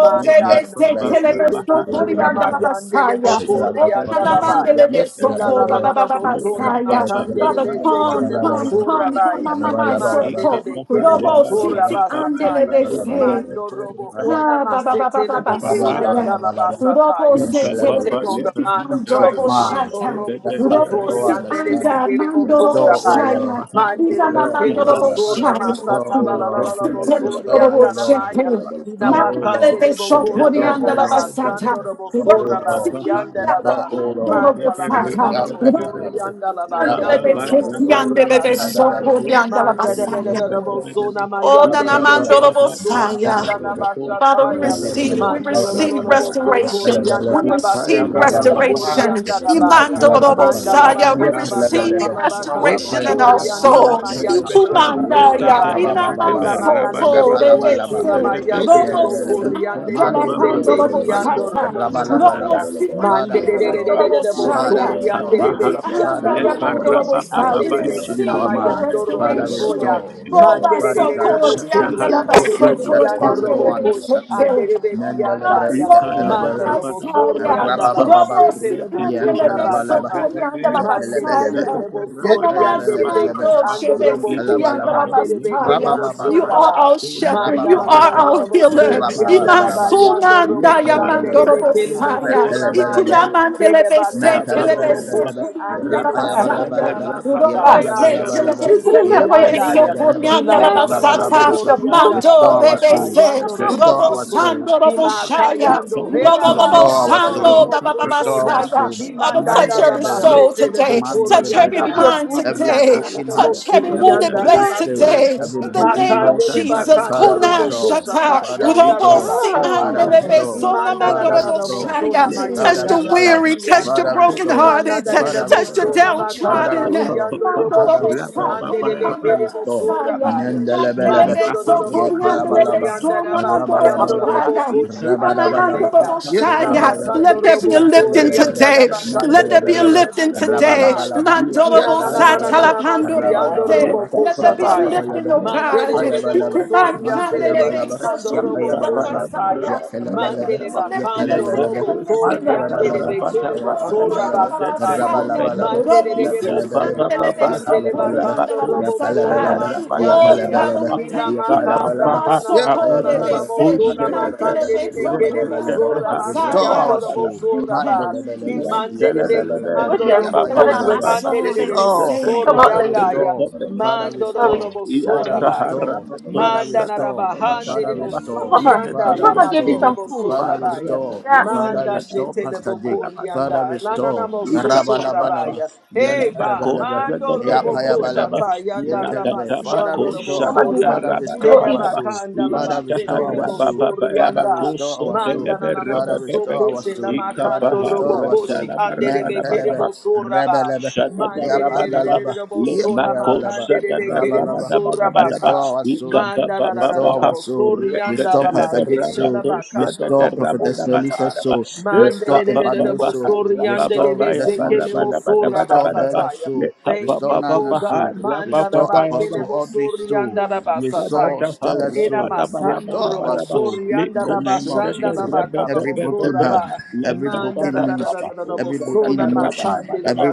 Speaker 5: Manda nande ele bosuna mayandele bokori anda la ba ya. Pila la la la la bosuna makandele besekele bosora ba ya. Mandele bekele bosora basataya. Mando robo ona masete lebo ko yandala basataya.
Speaker 2: Shabba
Speaker 5: We take on the mind of
Speaker 1: peace of
Speaker 5: Christ.
Speaker 1: mind
Speaker 5: Manto robo
Speaker 1: that perfect all
Speaker 5: sotori andere
Speaker 1: understanding.
Speaker 5: bekele bo
Speaker 1: Restore, O
Speaker 5: sorabaya.
Speaker 1: Lord.
Speaker 4: Roboshaya,
Speaker 5: Mandele
Speaker 1: Restore, O
Speaker 4: Inamando
Speaker 5: bekere bo
Speaker 1: Lord.
Speaker 5: sorra
Speaker 4: Roboshaya,
Speaker 1: Restore,
Speaker 5: masata
Speaker 1: O
Speaker 5: la la la la
Speaker 1: Lord.
Speaker 5: la bo
Speaker 4: Robosutamando
Speaker 5: sori
Speaker 1: Restore, O
Speaker 5: andala
Speaker 1: Lord.
Speaker 5: maya.
Speaker 4: Roboshete,
Speaker 5: Ina
Speaker 1: Restore, O
Speaker 4: Mandele
Speaker 1: Lord.
Speaker 4: de
Speaker 5: makandele bo kori
Speaker 1: Restore, O
Speaker 4: Soporianda la
Speaker 5: andala
Speaker 1: Lord.
Speaker 4: Basata,
Speaker 5: basando robo
Speaker 1: Restore, O
Speaker 5: sorra
Speaker 1: Lord.
Speaker 5: basi
Speaker 4: Robosikunda,
Speaker 5: andala
Speaker 1: Restore, O
Speaker 5: ba.
Speaker 4: Mando
Speaker 1: Lord.
Speaker 5: Mandala
Speaker 1: Make
Speaker 4: Robosata,
Speaker 5: makala
Speaker 1: up and
Speaker 5: bosori
Speaker 6: Let
Speaker 5: andala ba
Speaker 4: Robosandele
Speaker 6: Ikaya
Speaker 1: Rabban
Speaker 5: yando
Speaker 4: de
Speaker 5: robo
Speaker 1: Talabalaba.
Speaker 5: sora
Speaker 4: Setiandele de
Speaker 5: basata.
Speaker 1: Rabalabalaba.
Speaker 4: Soporianda la
Speaker 5: Manda da da da
Speaker 4: Basaya,
Speaker 5: da da
Speaker 1: Yantalabalaba.
Speaker 5: bosona mayande lebe
Speaker 4: Odanamando
Speaker 1: Rabalabalaba.
Speaker 5: kele
Speaker 2: Yabalaba,
Speaker 5: bosori
Speaker 4: Robosaya.
Speaker 5: andala
Speaker 1: Mandalabalaba.
Speaker 2: Yabalaba,
Speaker 4: Father, we
Speaker 5: basataya.
Speaker 4: receive, we
Speaker 5: Mando lo lo lo
Speaker 4: receive
Speaker 5: lo
Speaker 1: Mandalabalaba.
Speaker 5: bosotori
Speaker 4: restoration. We
Speaker 5: andala
Speaker 1: Yantalabalaba.
Speaker 5: bashe
Speaker 4: receive
Speaker 5: kele
Speaker 1: Rabalabalaba.
Speaker 5: bosori
Speaker 4: restoration.
Speaker 5: andala baya.
Speaker 4: Imando
Speaker 1: Rabalabalaba.
Speaker 5: Mandala
Speaker 4: Robosaya, we
Speaker 5: bakala basata
Speaker 1: Yepalabalaba.
Speaker 4: receive
Speaker 5: la bakala
Speaker 4: restoration in our
Speaker 5: bosori
Speaker 1: Yepalabalaba.
Speaker 5: andala
Speaker 4: soul.
Speaker 5: mayando robo
Speaker 1: Yepapapa.
Speaker 5: sora
Speaker 4: Ikumandaya,
Speaker 5: baya.
Speaker 7: Thank
Speaker 5: Kila
Speaker 1: Rabababababa.
Speaker 4: Inamanso,
Speaker 5: manana de de de
Speaker 1: Yapalabalaba.
Speaker 5: bosuna
Speaker 4: Rebese,
Speaker 5: mayande lebo
Speaker 4: Robosi
Speaker 1: Yepalabalaba.
Speaker 5: kori andele de
Speaker 4: Andala
Speaker 5: se te
Speaker 7: you,
Speaker 5: ki
Speaker 1: Mandilibelebelebe.
Speaker 7: Jesus.
Speaker 5: ando
Speaker 7: Thank
Speaker 4: Pandorobosata,
Speaker 5: robo
Speaker 7: you, O Lord.
Speaker 1: Rabalabalaba.
Speaker 5: sotoya.
Speaker 4: Robosi
Speaker 5: Hallelujah. Mande
Speaker 1: Father,
Speaker 4: Andala
Speaker 5: de de de de
Speaker 1: restore.
Speaker 5: de de de bo
Speaker 7: Shatarabakatabara
Speaker 1: Father,
Speaker 4: Mandorobosaya,
Speaker 5: sorry ande
Speaker 1: restore.
Speaker 5: de
Speaker 6: Kapaha,
Speaker 4: Reti
Speaker 5: beki ando
Speaker 1: Father,
Speaker 4: Andaya
Speaker 5: robo
Speaker 6: Lepa
Speaker 1: restore.
Speaker 6: Rabba
Speaker 5: koshi
Speaker 4: Mandorobosaya,
Speaker 6: Baba
Speaker 5: ande
Speaker 4: we
Speaker 5: de
Speaker 6: Baya
Speaker 5: beki
Speaker 1: Confusion in our
Speaker 4: receive
Speaker 5: lama
Speaker 6: Bakosha,
Speaker 4: your
Speaker 1: mind.
Speaker 5: yando
Speaker 6: the
Speaker 2: Yabalaba,
Speaker 5: robo
Speaker 1: Father,
Speaker 6: Rebbe, the
Speaker 2: Yabalaba,
Speaker 5: soya.
Speaker 4: restoration.
Speaker 1: restore.
Speaker 4: Oh,
Speaker 6: Benebede,
Speaker 5: Mande de de
Speaker 2: Yabalaba,
Speaker 1: Father,
Speaker 4: basso
Speaker 5: de de de
Speaker 1: grant
Speaker 5: bo
Speaker 1: us
Speaker 4: corianda
Speaker 6: Ikataha,
Speaker 5: sorry
Speaker 4: la
Speaker 1: peace.
Speaker 5: ande de
Speaker 6: Repa
Speaker 4: basso
Speaker 1: Peace
Speaker 5: beki
Speaker 1: that
Speaker 6: Nabako,
Speaker 5: ando
Speaker 1: passes
Speaker 4: corianda
Speaker 5: robo
Speaker 4: le
Speaker 1: all
Speaker 5: koshi
Speaker 1: understanding.
Speaker 5: ande
Speaker 4: besete.
Speaker 5: de beki
Speaker 4: Ona
Speaker 1: Mendelebre,
Speaker 5: andaya.
Speaker 4: maso
Speaker 6: Ikalaba
Speaker 4: na
Speaker 5: Mando
Speaker 6: Rabba
Speaker 1: epelebelebe.
Speaker 5: lobo
Speaker 6: Daba Daba
Speaker 5: sorry
Speaker 4: basaya.
Speaker 6: Daba,
Speaker 5: anda
Speaker 6: ha,
Speaker 5: lama
Speaker 1: Rabababa,
Speaker 4: Robo
Speaker 5: sete
Speaker 4: si
Speaker 6: rete
Speaker 5: lebo
Speaker 6: te
Speaker 4: ande
Speaker 6: te
Speaker 5: sorra
Speaker 6: rebe
Speaker 4: beso
Speaker 1: Yantalabalaba,
Speaker 6: rebe de Rebbe,
Speaker 5: batataya.
Speaker 4: corianda
Speaker 6: Rebbe,
Speaker 4: la
Speaker 1: Yepelebelebe,
Speaker 6: Abakosha, de
Speaker 4: basaya.
Speaker 5: Mandelelelele bo
Speaker 6: Rabba
Speaker 4: Ona
Speaker 5: sorki
Speaker 6: Daba
Speaker 7: Ah,
Speaker 6: Rabba
Speaker 1: Yetayabelebelebe,
Speaker 6: Daba
Speaker 5: anderebeki
Speaker 4: masiando
Speaker 6: Daba,
Speaker 4: shebe
Speaker 5: andorobo
Speaker 4: si
Speaker 5: koshi
Speaker 4: kianda
Speaker 1: Yantalabalaba,
Speaker 4: la
Speaker 6: Ikapaha, Lepa
Speaker 5: anderebekele
Speaker 4: basaya.
Speaker 5: bo
Speaker 6: Rabba
Speaker 4: You
Speaker 1: Rabababalaba,
Speaker 6: Baya
Speaker 4: are
Speaker 5: soraba.
Speaker 4: our
Speaker 6: Bakosha,
Speaker 4: shepherd. You
Speaker 6: the
Speaker 4: are
Speaker 1: Rabababalaba,
Speaker 5: Mandalalalala
Speaker 4: our
Speaker 5: bo
Speaker 4: healer.
Speaker 5: surdi
Speaker 6: Rebbe,
Speaker 5: andaraba
Speaker 1: Rabababalaba,
Speaker 6: Rabba Baba
Speaker 5: yandorobo
Speaker 4: Imansunanda ya
Speaker 6: Baba,
Speaker 1: Yetelebelebe,
Speaker 4: mandoro
Speaker 6: Rabba
Speaker 5: shanderebekele bo
Speaker 4: bosaya.
Speaker 1: Repelebelebe,
Speaker 6: Kosha,
Speaker 5: soramaya.
Speaker 4: Ikulamande le
Speaker 5: Hele
Speaker 4: besete
Speaker 5: bakando
Speaker 4: le
Speaker 5: robo
Speaker 4: beso
Speaker 6: Ba-ba-ba-ba-ba.
Speaker 1: Metalebelebelebe,
Speaker 5: koshi
Speaker 4: corianda la
Speaker 5: andele bakanda
Speaker 6: Ra-ba-ba-la-ba,
Speaker 4: basaya.
Speaker 1: Yapayabalabalaba,
Speaker 5: namasata
Speaker 7: ah,
Speaker 6: ra-ba-ba-ba-ha-ya,
Speaker 5: yando
Speaker 7: just just
Speaker 1: Yapayabalabalaba,
Speaker 5: robo
Speaker 7: sitting there
Speaker 5: sori
Speaker 7: quietly.
Speaker 5: yandaya.
Speaker 6: ba-ko-sha-da-da-da-da.
Speaker 1: Yapayabalabalaba,
Speaker 7: Yeah,
Speaker 5: Hilalalala bo
Speaker 7: you didn't eat
Speaker 1: Rabalabalaba.
Speaker 7: your
Speaker 5: sori
Speaker 7: food.
Speaker 6: Leka-ba-ba-ba-ba-ha,
Speaker 1: Restore
Speaker 4: Mando
Speaker 1: our
Speaker 5: yandarabasata
Speaker 1: soul,
Speaker 4: rebese,
Speaker 5: yando
Speaker 6: ra-ba-ko-sha-da-da,
Speaker 5: robo
Speaker 1: restore
Speaker 4: robo
Speaker 1: our
Speaker 5: soto.
Speaker 1: soul,
Speaker 4: sando, robo
Speaker 6: ra-ba-ba-ba-ba-ba.
Speaker 5: Himaka
Speaker 4: shaya,
Speaker 6: leka
Speaker 5: yando
Speaker 6: ba
Speaker 4: robo
Speaker 5: henama
Speaker 1: Restore
Speaker 4: bobo
Speaker 1: our
Speaker 5: yando
Speaker 4: sando,
Speaker 1: soul.
Speaker 5: robo
Speaker 4: baba baba
Speaker 5: soto
Speaker 1: Restore our
Speaker 5: ya.
Speaker 4: saya.
Speaker 1: soul.
Speaker 7: Ashaka
Speaker 4: Father,
Speaker 7: baraba
Speaker 4: touch
Speaker 5: Himandada da
Speaker 4: every
Speaker 7: kaba
Speaker 1: Mandelebelebe.
Speaker 4: soul
Speaker 7: raba
Speaker 5: basete
Speaker 7: kaba.
Speaker 5: lebo
Speaker 4: today, touch
Speaker 7: You
Speaker 1: Mandelebele
Speaker 4: every
Speaker 7: didn't eat your
Speaker 5: koriandaya.
Speaker 1: apa.
Speaker 4: mind
Speaker 7: food.
Speaker 1: Every
Speaker 4: today,
Speaker 5: Hinanana
Speaker 1: broken heart,
Speaker 4: touch every
Speaker 1: every
Speaker 4: wounded
Speaker 5: mosurianda
Speaker 1: broken
Speaker 7: Yeah.
Speaker 4: place
Speaker 5: namase.
Speaker 1: spirit,
Speaker 4: today.
Speaker 1: every
Speaker 4: In the
Speaker 1: broken
Speaker 4: name of
Speaker 5: Imakande le
Speaker 1: emotions.
Speaker 4: Jesus,
Speaker 5: bakando
Speaker 1: Father,
Speaker 4: kunan
Speaker 5: robo
Speaker 1: restore.
Speaker 4: shata,
Speaker 5: kusata
Speaker 1: Father,
Speaker 5: yanda
Speaker 6: it
Speaker 4: robo
Speaker 6: goes
Speaker 1: restore.
Speaker 4: si
Speaker 7: Ah,
Speaker 6: straight to
Speaker 1: Father,
Speaker 6: the
Speaker 5: rabasataya.
Speaker 6: heaven.
Speaker 1: restore.
Speaker 4: ande
Speaker 5: Imanda na
Speaker 1: Father,
Speaker 5: na da
Speaker 1: restore.
Speaker 7: you
Speaker 5: bosona
Speaker 6: Let
Speaker 4: Touch
Speaker 7: too.
Speaker 1: Father
Speaker 5: mayanda
Speaker 4: the
Speaker 1: restore,
Speaker 4: weary, touch the
Speaker 5: rabasiando.
Speaker 1: Father restore,
Speaker 4: brokenhearted,
Speaker 5: Imananda de de
Speaker 1: Father
Speaker 4: touch the
Speaker 1: restore,
Speaker 5: bosona
Speaker 7: This
Speaker 5: makana
Speaker 1: Father
Speaker 4: downtrodden.
Speaker 7: way.
Speaker 4: Let
Speaker 1: restore,
Speaker 5: basiando robo
Speaker 1: Father
Speaker 5: kushi
Speaker 4: there
Speaker 1: restore,
Speaker 4: be
Speaker 5: ande de de
Speaker 1: Father
Speaker 5: kere
Speaker 1: restore.
Speaker 7: Your
Speaker 5: bosorabaya.
Speaker 7: bitch.
Speaker 1: Mendelebelebe,
Speaker 5: Mando do do do
Speaker 1: ye
Speaker 5: bo so tori
Speaker 1: parabalaba,
Speaker 5: anda da
Speaker 7: So ugly.
Speaker 5: basi
Speaker 7: Kaba raba
Speaker 5: ando
Speaker 1: rabalabalaba,
Speaker 7: kaba
Speaker 5: robo
Speaker 7: raba
Speaker 5: koshi
Speaker 7: kaba.
Speaker 5: ande de
Speaker 1: rabalabalaba,
Speaker 5: beha.
Speaker 1: ye
Speaker 5: Kila
Speaker 1: telebelebe,
Speaker 5: bakando
Speaker 2: Thank
Speaker 5: robo
Speaker 4: a lifting
Speaker 5: tori
Speaker 1: mantelebelebe,
Speaker 5: anda da
Speaker 4: today.
Speaker 5: bakande
Speaker 4: Let
Speaker 5: de
Speaker 4: there
Speaker 5: de
Speaker 4: be
Speaker 5: de
Speaker 4: a
Speaker 5: de
Speaker 1: napelebelebe,
Speaker 5: de bo
Speaker 4: lifting
Speaker 5: so na
Speaker 4: today.
Speaker 5: maya.
Speaker 1: rabalabalaba,
Speaker 4: Let
Speaker 1: ye
Speaker 5: Nina na na na
Speaker 7: Yeah.
Speaker 5: na na
Speaker 1: telebelebe,
Speaker 5: na masi ando
Speaker 1: rabalabalaba,
Speaker 5: robo
Speaker 4: there
Speaker 1: ye
Speaker 4: be
Speaker 7: Kaba
Speaker 4: a
Speaker 5: koshataya.
Speaker 7: raba.
Speaker 4: Thank
Speaker 1: telebelebe,
Speaker 4: oh
Speaker 5: Mande
Speaker 1: ye
Speaker 5: de
Speaker 4: God.
Speaker 5: de de de
Speaker 4: We
Speaker 5: bo
Speaker 1: payabalaba,
Speaker 4: command
Speaker 5: sori ande de
Speaker 4: candelabra,
Speaker 1: mantayabalaba,
Speaker 5: beki
Speaker 4: so
Speaker 5: ando
Speaker 1: ye
Speaker 4: sorry,
Speaker 5: robo
Speaker 4: and the
Speaker 1: payabalaba,
Speaker 4: Messiah.
Speaker 5: koshataya.
Speaker 4: Lift
Speaker 5: Mande
Speaker 1: Yakalabalaba,
Speaker 5: le
Speaker 4: it, lift it,
Speaker 5: bakando
Speaker 4: lift it,
Speaker 1: Yakalabalaba,
Speaker 5: robo
Speaker 4: lift it.
Speaker 5: sori ande de
Speaker 1: Amantarabalaba,
Speaker 5: bekele
Speaker 4: Anamamando,
Speaker 5: bo
Speaker 4: ya ba
Speaker 5: sora
Speaker 4: ba ba
Speaker 1: Rapalabalaba,
Speaker 4: ba
Speaker 5: basataya.
Speaker 4: Messiah.
Speaker 1: Rabalabalaba,
Speaker 4: Robo
Speaker 5: Mandelele
Speaker 4: siti,
Speaker 5: bosuna
Speaker 1: Yakalabalaba,
Speaker 4: candelabra, so
Speaker 5: makandele
Speaker 4: sorry,
Speaker 1: Yakalabalaba,
Speaker 4: and the
Speaker 5: bakando robo sora
Speaker 4: Messiah.
Speaker 1: Yapalabalaba,
Speaker 4: Oh,
Speaker 5: masiyande ya.
Speaker 1: Yapalabalaba,
Speaker 4: Father, we
Speaker 5: Kila
Speaker 4: thank
Speaker 6: Rabakosha
Speaker 4: you.
Speaker 5: makanda
Speaker 1: Yapalabalaba,
Speaker 5: na
Speaker 6: Baha
Speaker 5: na na
Speaker 6: na
Speaker 5: na na na
Speaker 6: Baba
Speaker 4: Masokore,
Speaker 5: na
Speaker 6: ba
Speaker 5: na
Speaker 1: Yakalabalaba,
Speaker 4: say,
Speaker 5: bosuna
Speaker 6: Kusha da da
Speaker 1: Matayabalaba,
Speaker 5: makandele
Speaker 4: mandelabra, so sorry,
Speaker 5: mekele
Speaker 6: Reka
Speaker 4: and
Speaker 6: da
Speaker 1: Yapalabalaba,
Speaker 4: the
Speaker 5: bosora
Speaker 6: Baha
Speaker 1: Restore
Speaker 6: Raba
Speaker 5: masiyando
Speaker 6: da
Speaker 4: Messiah.
Speaker 1: our
Speaker 6: ba
Speaker 5: robo
Speaker 1: soul,
Speaker 6: Raba da
Speaker 4: We
Speaker 6: ba
Speaker 5: sora
Speaker 6: da
Speaker 5: ba.
Speaker 6: ba
Speaker 4: thank you,
Speaker 1: Mandalabalaba,
Speaker 6: Ya
Speaker 4: Jesus.
Speaker 5: Imandele
Speaker 6: Jala Bele
Speaker 5: beki
Speaker 6: Be
Speaker 7: Do
Speaker 1: Yapalabalaba,
Speaker 7: it,
Speaker 5: ando
Speaker 7: yeah.
Speaker 5: robo
Speaker 6: Raba
Speaker 7: Say
Speaker 6: ba
Speaker 7: what
Speaker 6: ra ba ba
Speaker 7: I
Speaker 4: Nana
Speaker 7: do
Speaker 5: kosi
Speaker 6: ba
Speaker 7: it,
Speaker 1: Yapalabalaba,
Speaker 6: ba
Speaker 7: again.
Speaker 6: ba
Speaker 4: masore,
Speaker 5: andelele
Speaker 4: they
Speaker 5: robo
Speaker 6: Kusha
Speaker 1: Restore,
Speaker 6: da
Speaker 7: You
Speaker 4: say.
Speaker 6: da
Speaker 7: come
Speaker 5: sori
Speaker 7: out
Speaker 1: Father,
Speaker 5: yanda
Speaker 7: later.
Speaker 6: Reka
Speaker 5: ya.
Speaker 6: da
Speaker 1: restore,
Speaker 6: da
Speaker 1: Father,
Speaker 5: Mando
Speaker 7: Sorry.
Speaker 5: robo
Speaker 1: restore.
Speaker 7: You
Speaker 6: Ya
Speaker 7: come out
Speaker 1: Father,
Speaker 5: sora
Speaker 7: later.
Speaker 5: ba
Speaker 6: Taha
Speaker 5: ya.
Speaker 1: restore.
Speaker 6: Raba
Speaker 1: Father,
Speaker 5: Manda
Speaker 6: Kusha
Speaker 5: na
Speaker 6: da da
Speaker 1: restore.
Speaker 5: raba
Speaker 6: da ba da
Speaker 5: hande
Speaker 6: ba
Speaker 1: Father,
Speaker 5: de
Speaker 6: da ba
Speaker 7: Oh,
Speaker 1: restore.
Speaker 6: In
Speaker 7: Papa,
Speaker 6: the
Speaker 7: because
Speaker 5: bosurianda
Speaker 1: Father,
Speaker 5: la
Speaker 6: name
Speaker 7: Mama
Speaker 6: of
Speaker 7: gave you
Speaker 5: makele
Speaker 7: some
Speaker 1: restore.
Speaker 6: Jesus
Speaker 7: food.
Speaker 1: Father,
Speaker 6: Ba
Speaker 5: bosorabaya.
Speaker 6: Raba
Speaker 1: restore.
Speaker 7: Yeah.
Speaker 6: Kusha
Speaker 1: Father,
Speaker 5: Manda
Speaker 7: mm,
Speaker 6: da
Speaker 1: restore
Speaker 5: shetele
Speaker 1: Pastor
Speaker 6: da ba
Speaker 1: Dick.
Speaker 6: da ba da ba
Speaker 1: Father,
Speaker 5: bokorianda la na na
Speaker 1: restore.
Speaker 5: mosoto
Speaker 6: Ikapaharata
Speaker 1: Rabalabalaba.
Speaker 5: rabaya. Hey God,
Speaker 1: Yentalabalaba.
Speaker 5: mando robo
Speaker 1: Yapayabalaba.
Speaker 5: koshata yanda
Speaker 1: Yentalabe.
Speaker 5: ramasi
Speaker 1: Father,
Speaker 5: ando robo
Speaker 1: restore.
Speaker 7: Mama gave you
Speaker 5: soya.
Speaker 1: Father,
Speaker 7: food. You
Speaker 1: restore
Speaker 7: go
Speaker 5: Hele
Speaker 7: eat
Speaker 1: our
Speaker 7: it.
Speaker 1: soul.
Speaker 5: bakanda la
Speaker 1: Father, restore
Speaker 5: basetele
Speaker 1: our soul. Father,
Speaker 5: bosorianda.
Speaker 1: restore our soul.
Speaker 5: Manda na na na
Speaker 1: Father, restore
Speaker 5: mosoko
Speaker 1: our
Speaker 5: she la
Speaker 1: soul. Father,
Speaker 5: makando
Speaker 1: restore
Speaker 5: robo
Speaker 1: our
Speaker 5: koshi
Speaker 1: soul.
Speaker 6: la
Speaker 5: ande de
Speaker 1: Nan
Speaker 6: barabada
Speaker 5: bekere
Speaker 1: pelebe,
Speaker 6: baraba
Speaker 5: bosoraba.
Speaker 1: rebelebe,
Speaker 5: Mande
Speaker 1: yap
Speaker 5: de de de de
Speaker 6: Shadadabadaba,
Speaker 5: de
Speaker 1: andalaba,
Speaker 5: de
Speaker 1: yap
Speaker 5: bosona
Speaker 6: Lemako,
Speaker 1: ayabalaba,
Speaker 5: makande de bekere
Speaker 1: rabalaba.
Speaker 6: Shadadabadabadaba,
Speaker 5: bosorabaka.
Speaker 1: Restore our soul.
Speaker 5: Manda da da da da
Speaker 1: Restore
Speaker 5: da
Speaker 1: our
Speaker 6: Ikabababaha,
Speaker 5: bo
Speaker 1: soul.
Speaker 5: sorianda
Speaker 1: Restore
Speaker 5: la ba
Speaker 1: Pastor Dick's
Speaker 5: shete la
Speaker 1: soul.
Speaker 6: Rekateleberabako,
Speaker 5: ba kando
Speaker 1: Restore
Speaker 5: robo
Speaker 1: Prophetess Melissa's
Speaker 5: kusata.
Speaker 6: Shadadabadabadabadaba,
Speaker 1: soul.
Speaker 5: Mande
Speaker 1: Restore
Speaker 5: de de de de de
Speaker 1: Empanel's
Speaker 5: bo
Speaker 6: Ikabababaha,
Speaker 1: soul.
Speaker 5: sorianda de
Speaker 1: Restore
Speaker 5: be seke
Speaker 1: Desmond's
Speaker 5: bo
Speaker 1: soul.
Speaker 5: sora ba
Speaker 1: Restore
Speaker 6: Rabababayabarabadabadabadabadaba,
Speaker 1: Bella's
Speaker 5: sataya.
Speaker 1: soul.
Speaker 5: Thank
Speaker 1: Restore
Speaker 5: you, O
Speaker 1: Nana's
Speaker 6: Lekabababaha,
Speaker 1: soul.
Speaker 5: God. Manda la
Speaker 1: Restore
Speaker 5: ba kele
Speaker 6: Rabababayaba,
Speaker 1: Apostle
Speaker 5: bo
Speaker 1: Audrey's soul.
Speaker 5: sorianda la ba
Speaker 1: Restore
Speaker 5: sataya.
Speaker 6: Shadadaha,
Speaker 1: Stella's
Speaker 5: Era
Speaker 1: soul.
Speaker 5: masando
Speaker 1: Restore our
Speaker 5: robo
Speaker 6: Rabadabadabadabadaba,
Speaker 1: soul. In
Speaker 5: sorianda
Speaker 6: Leko,
Speaker 1: the
Speaker 5: la
Speaker 1: name of
Speaker 5: basanda la
Speaker 1: Jesus
Speaker 5: bacala
Speaker 1: every broken
Speaker 5: bosura
Speaker 6: Shadadabrababababa,
Speaker 5: ba
Speaker 1: heart, every
Speaker 5: manda la
Speaker 1: broken
Speaker 5: la la la
Speaker 1: ministry,
Speaker 5: la
Speaker 6: Lekabadabrabako,
Speaker 5: la
Speaker 1: every broken
Speaker 5: bosona
Speaker 1: emotion,
Speaker 5: macandele
Speaker 6: Shadadabrabadabadaba,
Speaker 1: every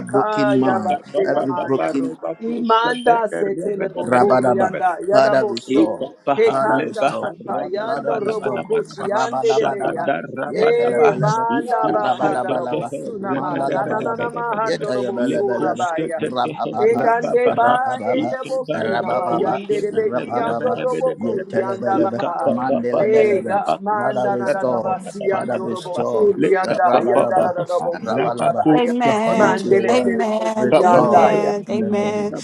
Speaker 6: Rabba
Speaker 1: broken mind,
Speaker 5: bastila
Speaker 1: every
Speaker 5: maya
Speaker 1: broken
Speaker 5: imanda se tele
Speaker 1: Rabadaba.
Speaker 5: bocorianda yada
Speaker 1: Father
Speaker 5: boso
Speaker 1: restore. Father
Speaker 5: pecanda
Speaker 1: restore.
Speaker 5: satayando
Speaker 1: Father
Speaker 5: robo
Speaker 1: restore.
Speaker 5: cosiande de beya
Speaker 1: Rabadabadaba.
Speaker 5: e
Speaker 1: Yetelebelebe.
Speaker 5: manda bahanda robo
Speaker 1: Rabadabalaba.
Speaker 5: ma na na na na
Speaker 1: Mandalabalaba.
Speaker 5: mahando robo
Speaker 1: Yetayabelebelebe.
Speaker 5: surabaya
Speaker 1: Rabababa.
Speaker 5: Endande ba
Speaker 1: Rabababa.
Speaker 5: ende bosuna ma
Speaker 1: Rabababa.
Speaker 5: yande de beki yando
Speaker 1: Rabababa.
Speaker 5: robo kuri yanda
Speaker 1: Yetelebelebe.
Speaker 5: lama.
Speaker 1: Mandelebelebe.
Speaker 5: Ega
Speaker 1: Father
Speaker 5: manda na na na
Speaker 1: restore.
Speaker 5: basi
Speaker 1: Father
Speaker 5: yando robo
Speaker 1: restore.
Speaker 5: suri yanda yanda na
Speaker 1: Rabadaba.
Speaker 5: na robo sura ba
Speaker 1: Rabalaba.
Speaker 5: ya.
Speaker 1: According
Speaker 4: Amen.
Speaker 1: to your
Speaker 5: Mandele de de
Speaker 1: word.
Speaker 5: boku
Speaker 4: Amen.
Speaker 1: Restore
Speaker 5: yanda ya.
Speaker 4: Amen.
Speaker 1: in the name of
Speaker 4: Amen.
Speaker 1: Jesus.